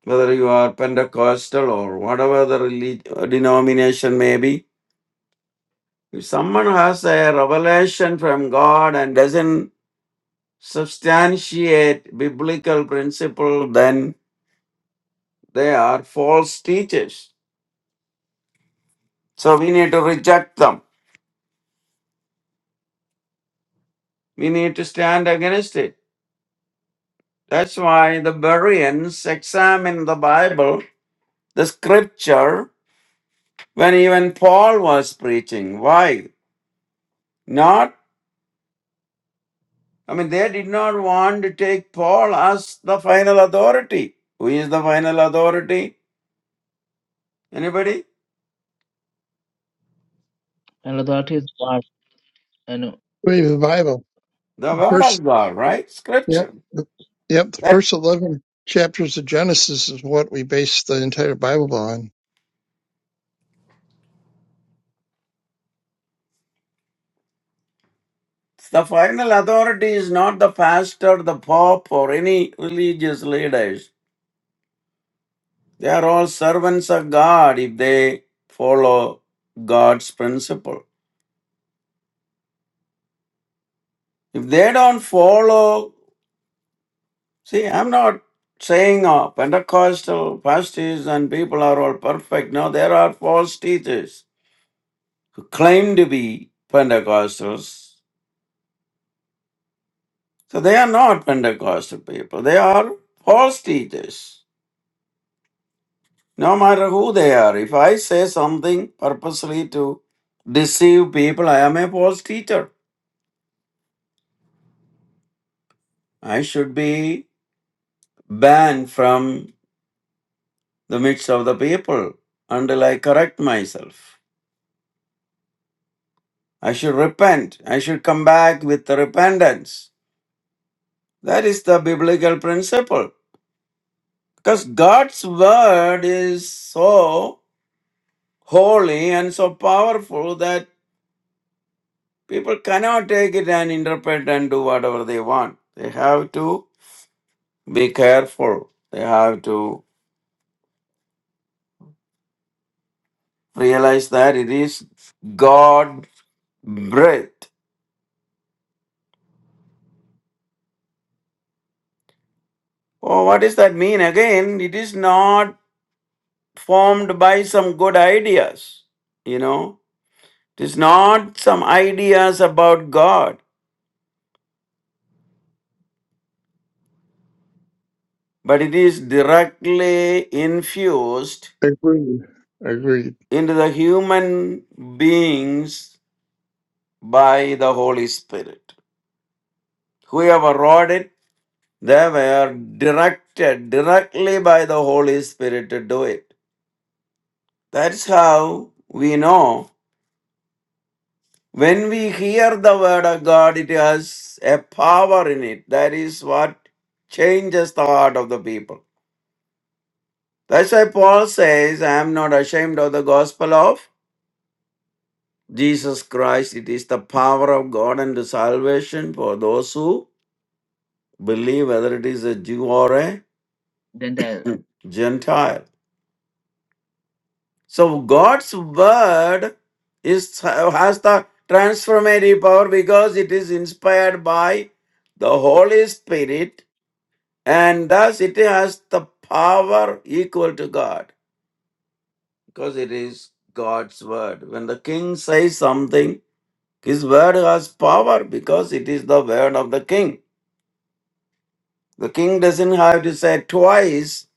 B: Whether you are Pentecostal or whatever the relig- uh, denomination may be, if someone has a revelation from God and doesn't substantiate biblical principle, then they are false teachers. So we need to reject them. We need to stand against it. That's why the Bereans examine the Bible, the scripture, when even Paul was preaching. Why? Not I mean, they did not want to take Paul as the final authority. Who is the final authority? Anybody?
A: And authority is part, you know,
D: Read the Bible.
B: The
D: The
B: Word
D: first,
B: of God, right?
D: yep,
B: Scripture.
D: the, yep, the
B: That
D: first 11 chapters of Genesis is what we base the entire Bible on.
B: the final authority is not the pastor, the pope, or any religious leaders. They are all servants of God if they follow God's principle. If they don't follow, see, I'm not saying uh, Pentecostal pastors and people are all perfect. No, there are false teachers who claim to be Pentecostals. So they are not Pentecostal people. They are false teachers, no matter who they are. If I say something purposely to deceive people, I am a false teacher. I should be banned from the midst of the people until I correct myself. I should repent. I should come back with repentance. That is the biblical principle. Because God's word is so holy and so powerful that people cannot take it and interpret and do whatever they want. They have to be careful. They have to realize that it is God breathed. Oh, what does that mean? Again, it is not formed by some good ideas, you know. It is not some ideas about God, but it is directly infused
D: Agreed. Agreed.
B: into the human beings by the Holy Spirit. Whoever wrote it, they were directed directly by the Holy Spirit to do it. That's how we know when we hear the Word of God, it has a power in it. That is what changes the heart of the people. That's why Paul says, I am not ashamed of the gospel of Jesus Christ. It is the power of God and the salvation for those who believe, whether it is a Jew or a
A: Gentile.
B: Gentile. So God's word is has the transformative power because it is inspired by the Holy Spirit and thus it has the power equal to God because it is God's word. When the king says something, his word has power because it is the word of the king. The king doesn't have to say twice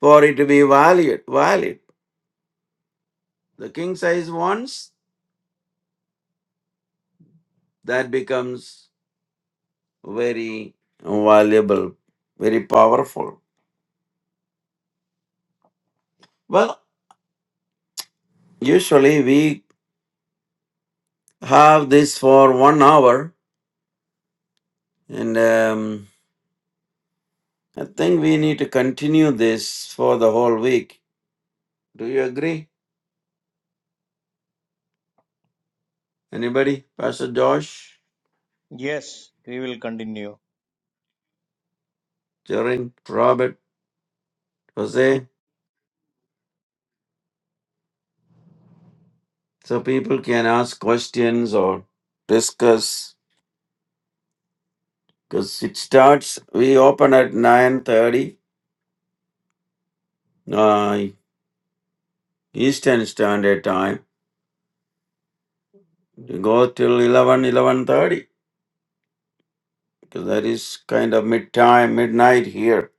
B: for it to be valid. Valid. The king says once, that becomes very valuable, very powerful. Well, usually we have this for one hour, and um, I think we need to continue this for the whole week. Do you agree? Anybody? Pastor Josh,
C: Yes, we will continue.
B: Jaren, Robert, Jose, so people can ask questions or discuss. Because it starts, we open at nine thirty uh, Eastern Standard Time. We go till eleven, eleven thirty. because that is kind of midtime, midnight here.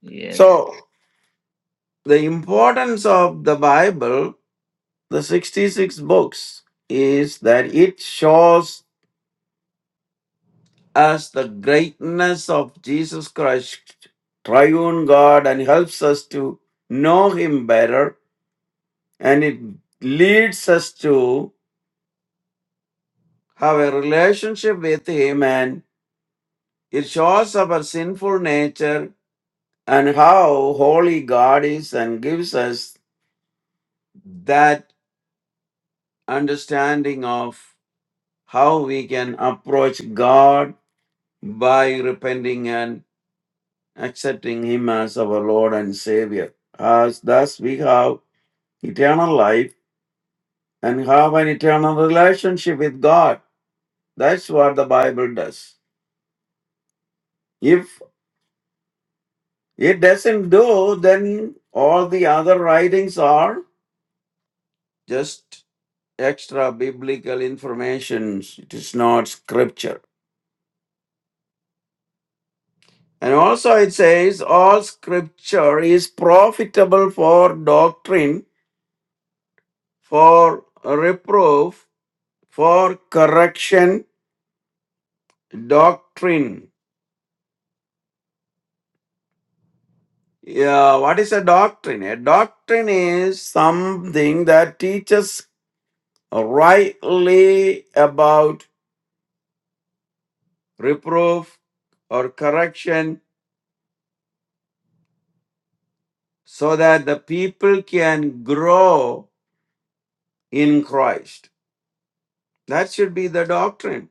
A: Yes.
B: So, the importance of the Bible, the 66 books, is that it shows us the greatness of Jesus Christ, triune God, and helps us to know Him better. And it leads us to have a relationship with Him, and it shows our sinful nature and how holy God is, and gives us that understanding of how we can approach God by repenting and accepting Him as our Lord and Savior. As thus we have eternal life and have an eternal relationship with God. That's what the Bible does. If it doesn't do, then all the other writings are just extra biblical information. It is not scripture. And also it says, all scripture is profitable for doctrine, for reproof, for correction, doctrine. Yeah, what is a doctrine? A doctrine is something that teaches rightly about reproof or correction so that the people can grow in Christ. That should be the doctrine.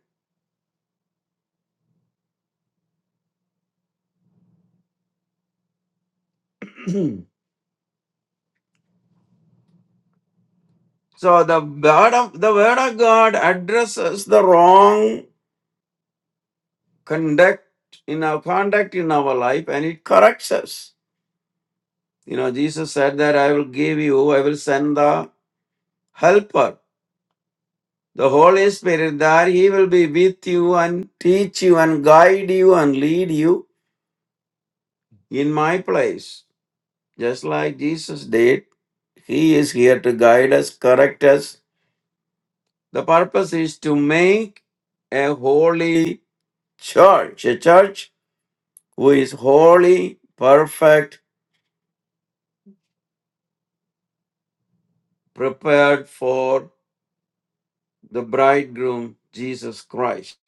B: So the word of the word of God addresses the wrong conduct in our conduct in our life and it corrects us. You know, Jesus said that I will give you, I will send the helper, the Holy Spirit, that he will be with you and teach you and guide you and lead you in my place. Just like Jesus did. He is here to guide us, correct us. The purpose is to make a holy church, a church who is holy, perfect, prepared for the bridegroom, Jesus Christ.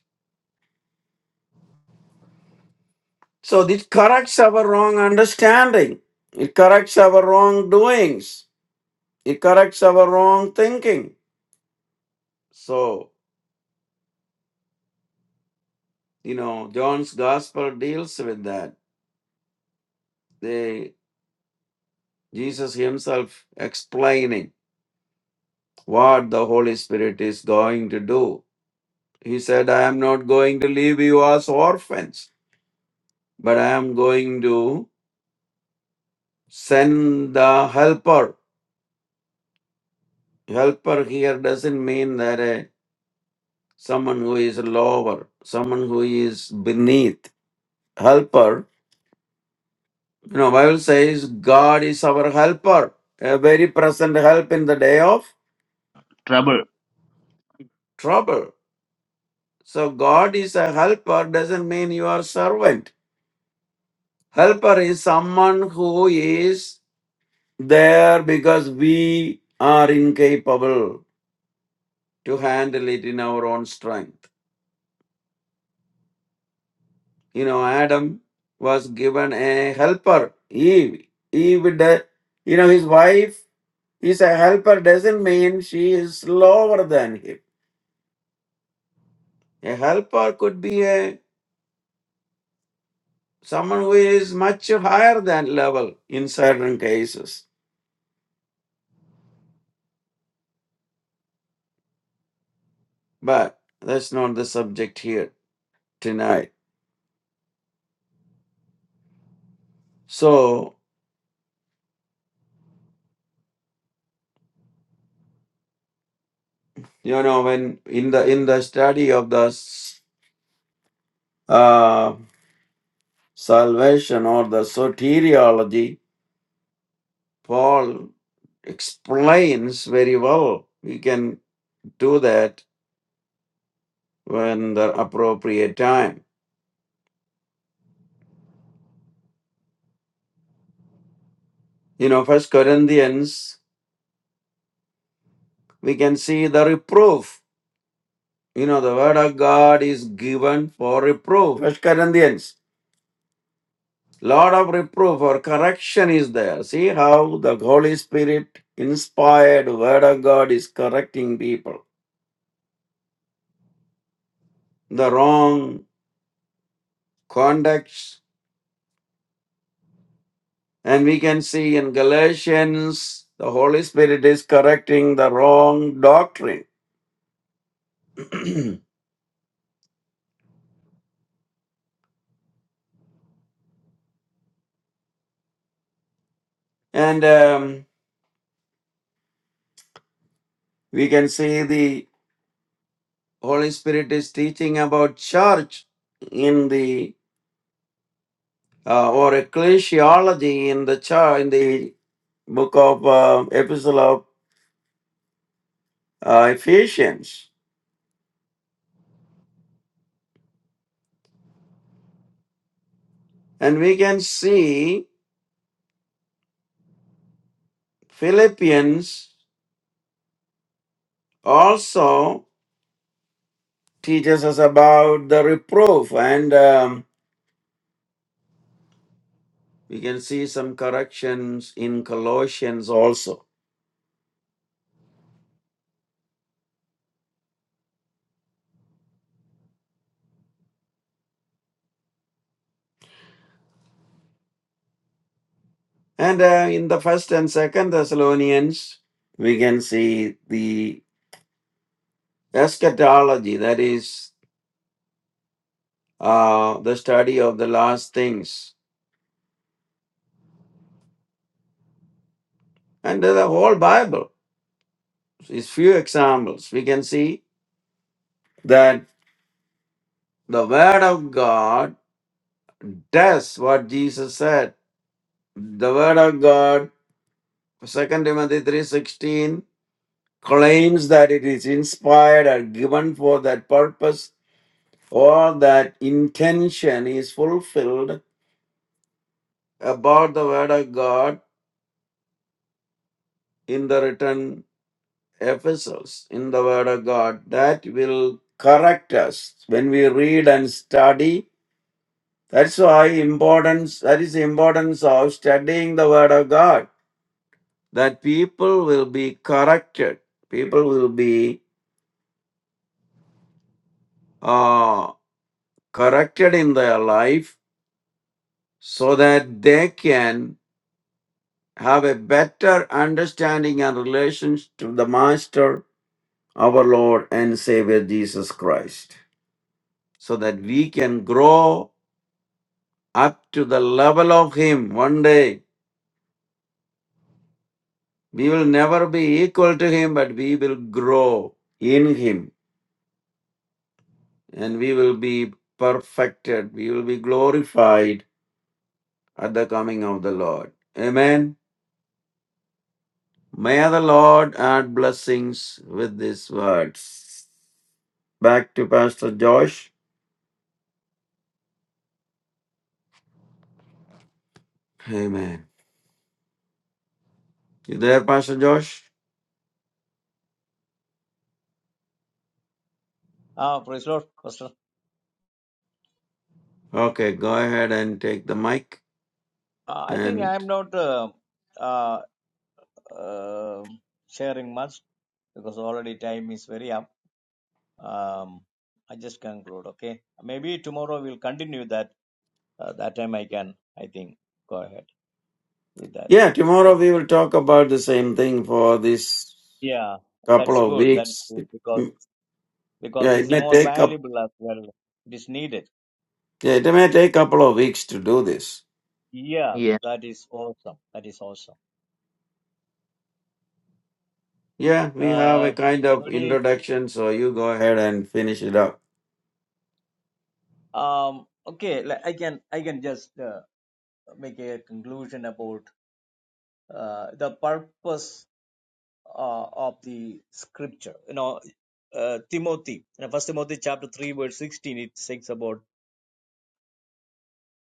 B: So this corrects our wrong understanding. It corrects our wrongdoings. It corrects our wrong thinking. So, you know, John's gospel deals with that. They, Jesus himself explaining what the Holy Spirit is going to do. He said, I am not going to leave you as orphans, but I am going to send the helper. Helper here doesn't mean that uh, someone who is lower, someone who is beneath. Helper, you know, Bible says God is our helper, a very present help in the day of
A: Trouble.
B: trouble. So God is a helper doesn't mean you are servant. Helper is someone who is there because we are incapable to handle it in our own strength. you know, Adam was given a helper. Eve, Eve, de- you know, his wife is a helper. Doesn't mean she is lower than him. A helper could be a someone who is much higher than level in certain cases. But that's not the subject here tonight. So you know, when in the in the study of the s- uh, salvation or the soteriology, Paul explains very well. We can do that when the appropriate time. You know, First Corinthians, we can see the reproof. You know, the word of God is given for reproof. First Corinthians, lot of reproof or correction is there. See how the Holy Spirit inspired word of God is correcting people. The wrong conduct And we can see in Galatians, the Holy Spirit is correcting the wrong doctrine. and um, we can see the Holy Spirit is teaching about church in the uh, or ecclesiology in the church in the book of uh, epistle of uh, Ephesians, and we can see Philippians also teaches us about the reproof and. um, We can see some corrections in Colossians also. And uh, in the first and second Thessalonians, we can see the eschatology, that is, uh, the study of the last things. And the whole Bible is few examples. We can see that the Word of God does what Jesus said. The Word of God, Second Timothy three sixteen claims that it is inspired or given for that purpose or that intention is fulfilled about the Word of God in the written epistles, in the Word of God, that will correct us when we read and study. That's why importance that is the importance of studying the Word of God. That people will be corrected. People will be uh, corrected in their life so that they can have a better understanding and relations to the Master, our Lord and Savior Jesus Christ, so that we can grow up to the level of Him one day. We will never be equal to Him, but we will grow in Him and we will be perfected. We will be glorified at the coming of the Lord. Amen. May the Lord add blessings with these words. Back to Pastor Josh. Amen. You there, Pastor Josh?
C: Ah, praise Lord, Pastor.
B: Okay, go ahead and take the mic.
C: Uh, I think
B: And
C: I'm not uh, uh, uh, sharing much because already time is very up. Um, I just conclude. Okay, maybe tomorrow we'll continue that. Uh, that time I can, I think, go ahead with that.
B: yeah, tomorrow
C: Okay.
B: we will talk about the same thing for this
C: Yeah, that's
B: couple of
C: good. That's
B: weeks.
C: good because
B: Mm,
C: because
B: Yeah, it
C: this is
B: may
C: more
B: take up.
C: valuable as well. It is needed.
B: Yeah, it may take couple of weeks to do this.
C: Yeah, that is awesome. That is awesome.
B: Yeah, we have a
C: Uh,
B: kind of
C: anybody?
B: introduction, so you go ahead and finish it up.
C: Um, okay, like, I can I can just uh, make a conclusion about. uh, the purpose uh, of the scripture. You know, uh, Timothy, you know, First Timothy chapter three verse sixteen, it says about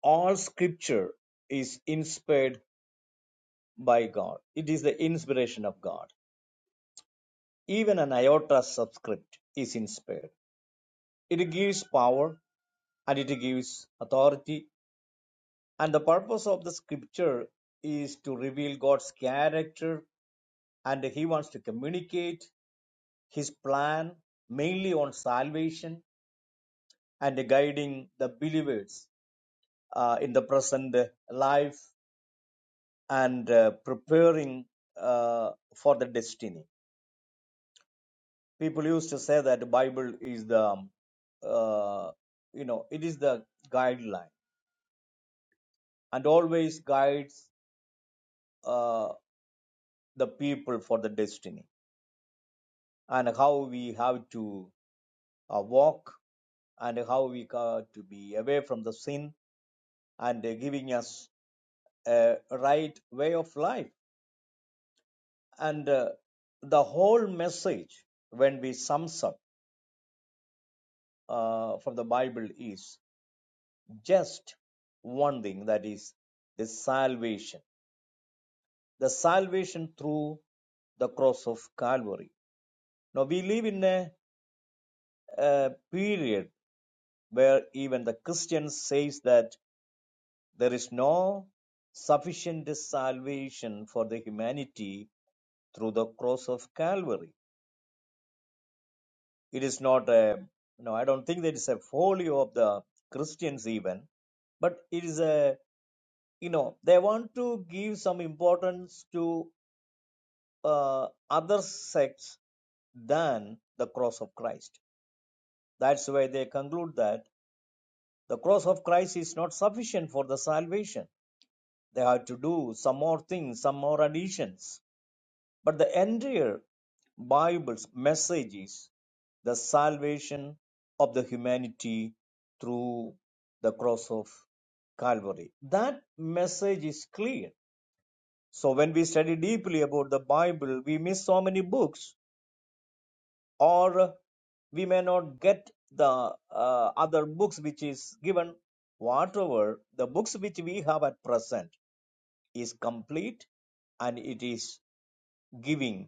C: all scripture is inspired by God. It is the inspiration of God. Even an iota subscript is inspired. It gives power and it gives authority. And the purpose of the scripture is to reveal God's character and he wants to communicate his plan mainly on salvation and guiding the believers uh, in the present life and uh, preparing uh, for the destiny people used to say that the bible is the um, uh, you know it is the guideline and always guides uh, the people for the destiny and how we have to uh, walk and how we got to be away from the sin and uh, giving us a right way of life. And uh, the whole message, when we sum up uh, from the Bible, is just one thing that is the salvation, the salvation through the cross of Calvary. Now we live in a, a period where even the Christian says that there is no sufficient salvation for the humanity through the cross of Calvary It is not a no. I don't think that is a folio of the Christians even, but it is a you know they want to give some importance to uh, other sects than the cross of Christ. That's why they conclude that the cross of Christ is not sufficient for the salvation. They have to do some more things, some more additions But the entire Bible's message is the salvation of the humanity through the cross of Calvary. That message is clear. So when we study deeply about the Bible, we miss so many books, or we may not get the uh, other books which is given. Whatever the books which we have at present is complete and it is giving.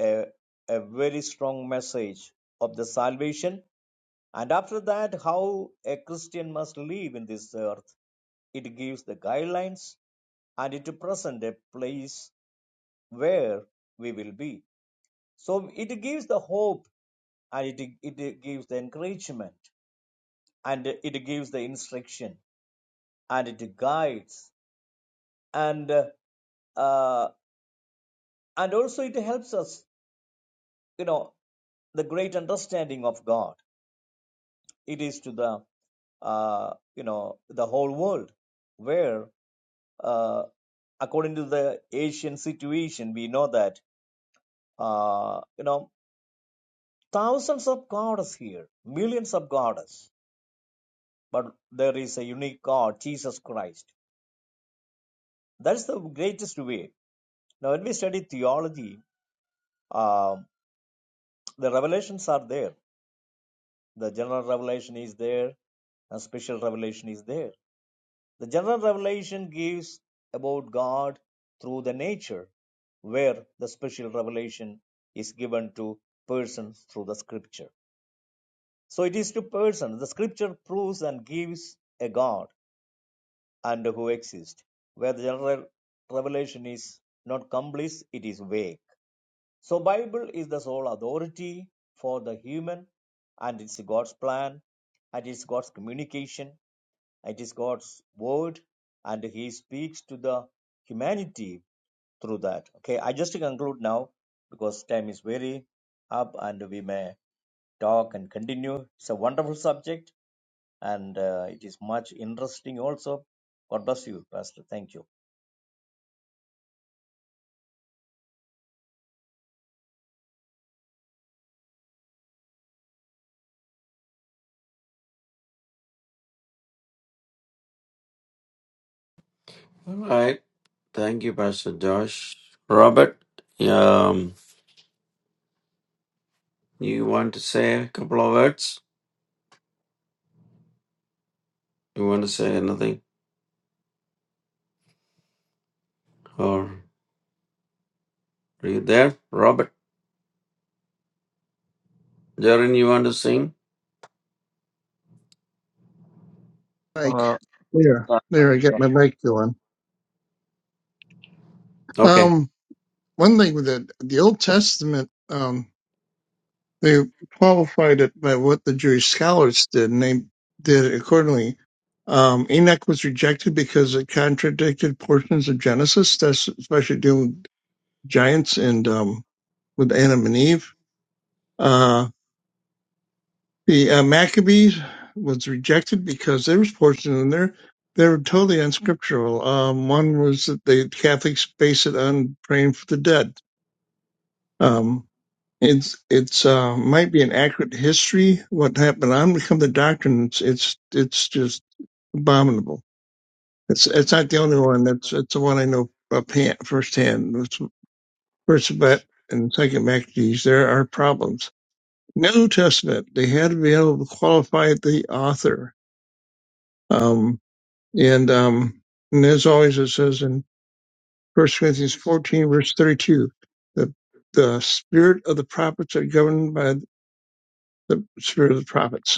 C: a, a very strong message of the salvation. And after that, how a Christian must live in this earth. It gives the guidelines and it presents a place where we will be. So it gives the hope and it, it gives the encouragement and it gives the instruction and it guides and uh, and also it helps us, you know, the great understanding of God it is to the uh, you know the whole world where uh, according to the asian situation we know that uh, you know thousands of gods here millions of gods but there is a unique god jesus christ that's the greatest way now when we study theology uh, the revelations are there the general revelation is there a special revelation is there The general revelation gives about God through the nature, where the special revelation is given to persons through the scripture. So it is to persons. The scripture proves and gives a God and who exists, where the general revelation is not complete, it is vague. So Bible is the sole authority for the human and it's God's plan and it's God's communication it is God's word, and He speaks to the humanity through that. Okay, I just conclude now because time is very up, and we may talk and continue. It's a wonderful subject, and uh, it is much interesting also. God bless you, Pastor. Thank you.
B: All right. Thank you, Pastor Josh. Robert, um, you want to say a couple of words? You want to say anything, or are you there, Robert? Jaren, you want to sing?
D: Mike,
A: Uh,
D: there,
A: yeah,
D: there, I got
A: yeah.
D: my mic going.
B: Okay.
D: Um, one thing with the, the Old Testament, um, they qualified it by what the Jewish scholars did, and they did it accordingly. Um, Enoch was rejected because it contradicted portions of Genesis, that's especially dealing with giants and um, with Adam and Eve. Uh, the uh, Maccabees was rejected because there was portions in there they were totally unscriptural. Um, one was that the Catholics base it on praying for the dead. Um, It's it's uh, might be an accurate history what happened. I'm become to doctrine. It's it's it's just abominable. It's it's not the only one. That's that's the one I know up hand, firsthand. It's First Bat and Second Maccabees. There are problems. New Testament. They had to be able to qualify the author. Um, and um, and as always, it says in First Corinthians 14 verse 32, the the spirit of the prophets are governed by the spirit of the prophets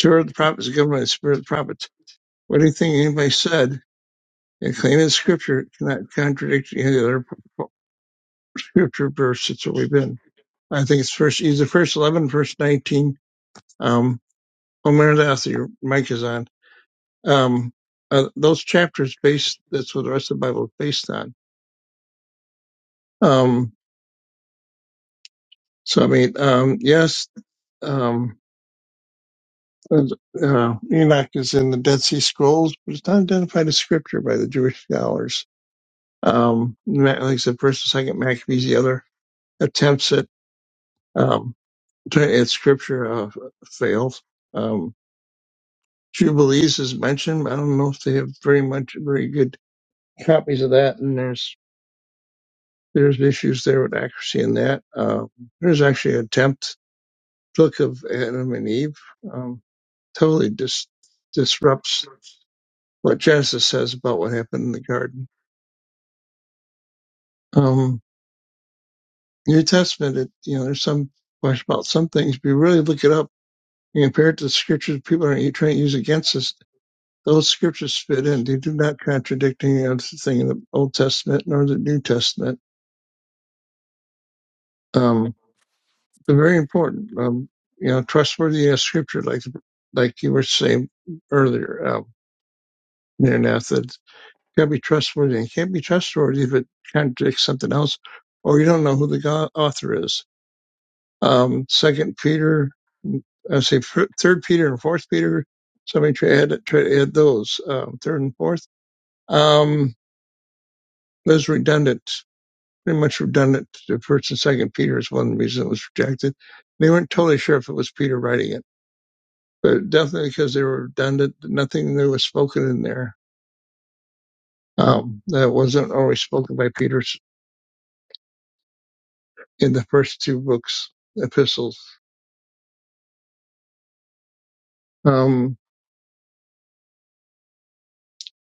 D: Sure, the prophets are given by the spirit of the prophets. What do you think anybody said and claim in scripture cannot contradict any other scripture verse that's already been. I think it's first, either first 11, verse 19. Um, oh, Maranatha, your mic is on. Um, uh, those chapters based, that's what the rest of the Bible is based on. Um, so I mean, um, yes, um, uh, Enoch is in the Dead Sea Scrolls, but it's not identified as scripture by the Jewish scholars Um, like I said, first and second Maccabees, the other attempts at, um, at scripture, uh, failed. Um, Jubilees is mentioned. but I don't know if they have very much, very good copies of that. And there's, there's issues there with accuracy in that. Um, there's actually an attempt, book of Adam and Eve, um, totally dis- disrupts what Genesis says about what happened in the garden. Um, New Testament, it, you know, there's some question about some things, but you really look it up He compared the scriptures people are trying to use against us. Those scriptures fit in. They do not contradict any other thing in the Old Testament nor the New Testament. Um, they're very important. Um, you know, trustworthy as scripture, like like you were saying earlier, um, Maranatha, that can't be trustworthy. And can't be trustworthy if it contradicts something else, or you don't know who the God, author is. Um, Second Peter, I say Third Peter and Fourth Peter. Somebody try to add, try to add those um, third and fourth Um, those redundant, pretty much redundant. The first and second Peter is one reason it was rejected. They weren't totally sure if it was Peter writing it, but definitely because they were redundant. Nothing that was spoken in there um, that wasn't always spoken by Peter in the first two books, epistles. Um,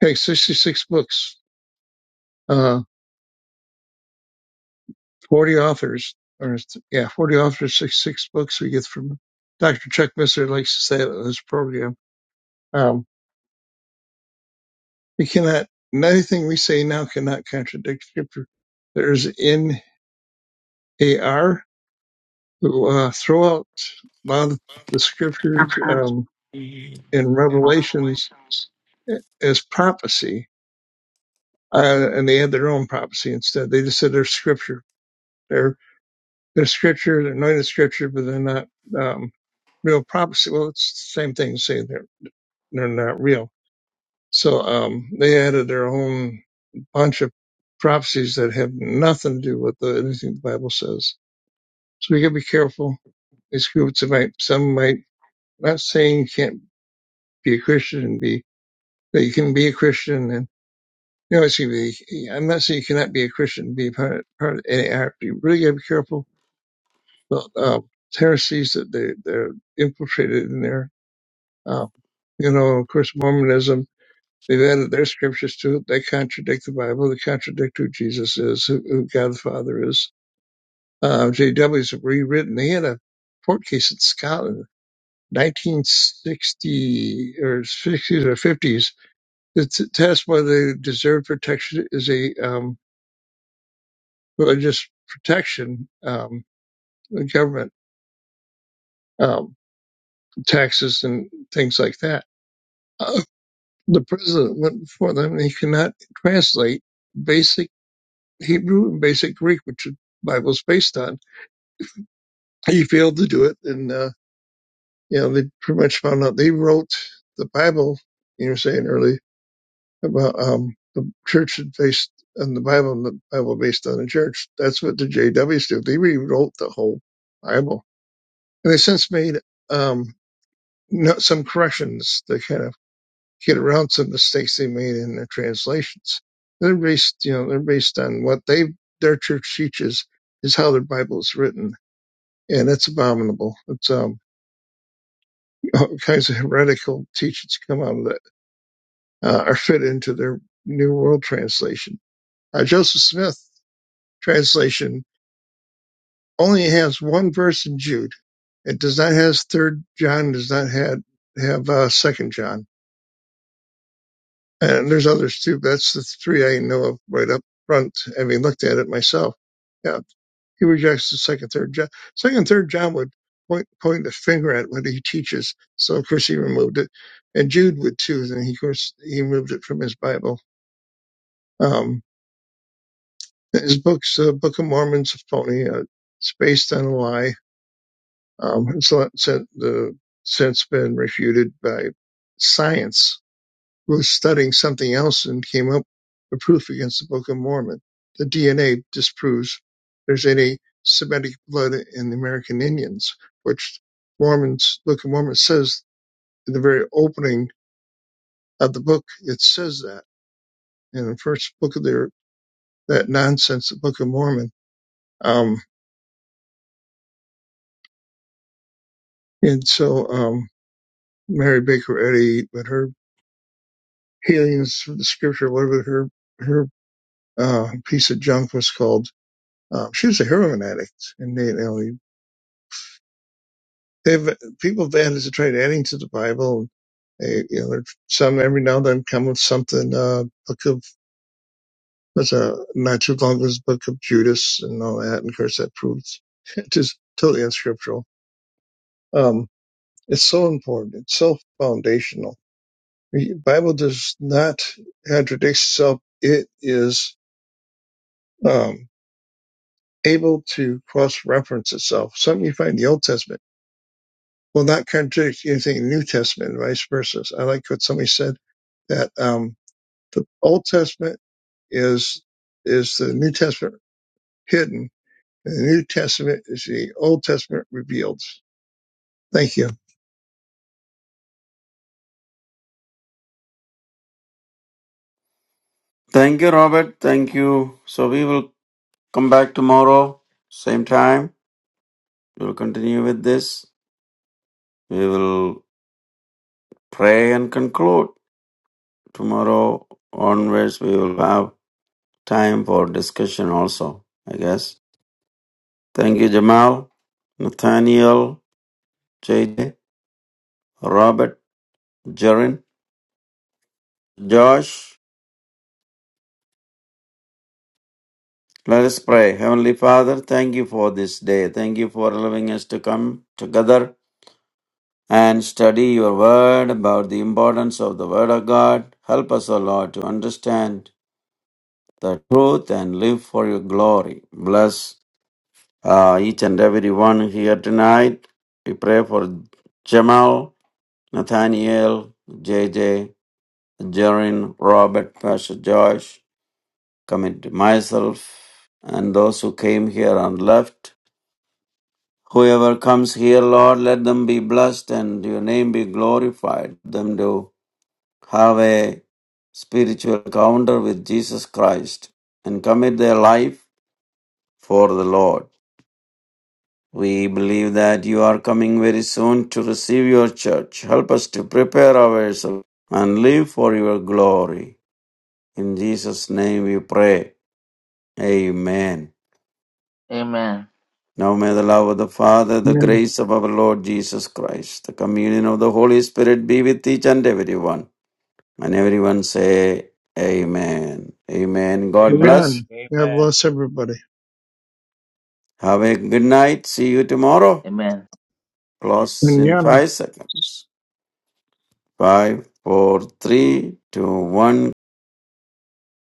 D: okay, 66 books, uh, 40 authors, or yeah, 40 authors, 66 books we get from Dr. Chuck Misser likes to say that in his program. Um, We cannot, nothing we say now cannot contradict scripture. There's NAR who, uh, throw out a lot of the scriptures, um,
B: Thank
D: in Revelations eh, as prophecy, uh, and they had their own prophecy instead. They just said they're scripture. They're, they're scripture, they're anointed scripture, but they're not, um, real prophecy. Well, it's the same thing to say they're, they're not real. So, um, they added their own bunch of prophecies that have nothing to do with the, anything the Bible says. So we got to be careful. These groups might, some might, not saying you can't be a Christian and be, that you can be a Christian and, you know, it's gonna be, I'm not saying you cannot be a Christian, and be part, part of any act. You really got to be careful. But, um, heresies that they, they're infiltrated in there. Um, you know, of course, Mormonism, they've added their scriptures to it. They contradict the Bible. They contradict who Jesus is, who, who God the Father is Uh, JW's rewritten. They had a court case in Scotland, 1960 or 60s or 50s, to t- test whether deserved protection is a um, religious protection, um, the government um, taxes and things like that. Uh, the president went before them and he could not translate basic Hebrew and basic Greek, which the Bible's based on. He failed to do it, and uh, you know, they pretty much found out they wrote the Bible. You were saying early about um, the church based on the Bible and the Bible based on the church. That's what the JWs do. They rewrote the whole Bible, and they since made um, no, some corrections to kind of get around some mistakes they made in their translations. They're based, you know, they're based on what they their church teaches is how their Bible is written, and that's abominable. It's um, all kinds of heretical teachings come out of that uh, are fit into their New World Translation. Uh, Joseph Smith translation only has one verse in Jude. It does not have Third John. Does not have have uh, Second John. And there's others too. But that's the three I know of right up front, having looked at it myself. Yeah, he rejects the Second, Third John. Second, Third John would point point the finger at what he teaches. So of course he removed it, and Jude would too. And he of course he removed it from his Bible. Um, His book's uh, Book of Mormon's a phony. Uh, it's based on a lie. Um, it's uh, the, since been refuted by science, who was studying something else and came up with proof against the Book of Mormon. The DNA disproves there's any Semitic blood in the American Indians, which Mormons, Book of Mormon says in the very opening of the book, it says that in the first book of their, that nonsense, the Book of Mormon. Um, and so, um, Mary Baker Eddy, but her healings from the scripture, whatever her her uh, piece of junk was called, uh, she was a heroin addict, and they, you know, they've people have added to tried adding to the Bible. They, you know, there- some every now and then come with something. Uh, book of was a not too long was book of Judas and all that, and of course that proves just totally unscriptural. Um, it's so important. It's so foundational. The Bible does not contradict itself. It is um, able to cross-reference itself. Something you find in the Old Testament will not contradict anything in the New Testament, and vice versa. I like what somebody said that um, the Old Testament is is the New Testament hidden, and the New Testament is the Old Testament revealed. Thank you.
B: you, Robert. Thank you. So we will come back tomorrow, same time. We'll continue with this. We will pray and conclude. Tomorrow onwards, we will have time for discussion also, I guess. Thank you, Jamal, Nathaniel, J, J, Robert, Jaren, Josh. Let us pray. Heavenly Father, thank you for this day. Thank you for allowing us to come together and study your word about the importance of the word of God. Help us, O Lord, to understand the truth and live for your glory. Bless uh, each and every one here tonight. We pray for Jamal, Nathaniel, JJ, Jarin, Robert, Pastor Josh, commit to myself, and those who came here and left. Whoever comes here, Lord, let them be blessed and your name be glorified. Let Them do have a spiritual encounter with Jesus Christ and commit their life for the Lord. We believe that you are coming very soon to receive your church. Help us to prepare ourselves and live for your glory. In Jesus' name we pray. Amen.
A: Amen.
B: Now may the love of the Father, the
D: Amen.
B: grace of our Lord Jesus Christ, the communion of the Holy Spirit be with each and everyone. And everyone say, Amen. Amen. God
C: Amen.
B: bless.
D: Amen. God
C: Amen.
D: bless everybody.
B: Have a good night. See you tomorrow.
A: Amen.
B: Close in
D: Amen.
B: five seconds. Five, four, three, two, one.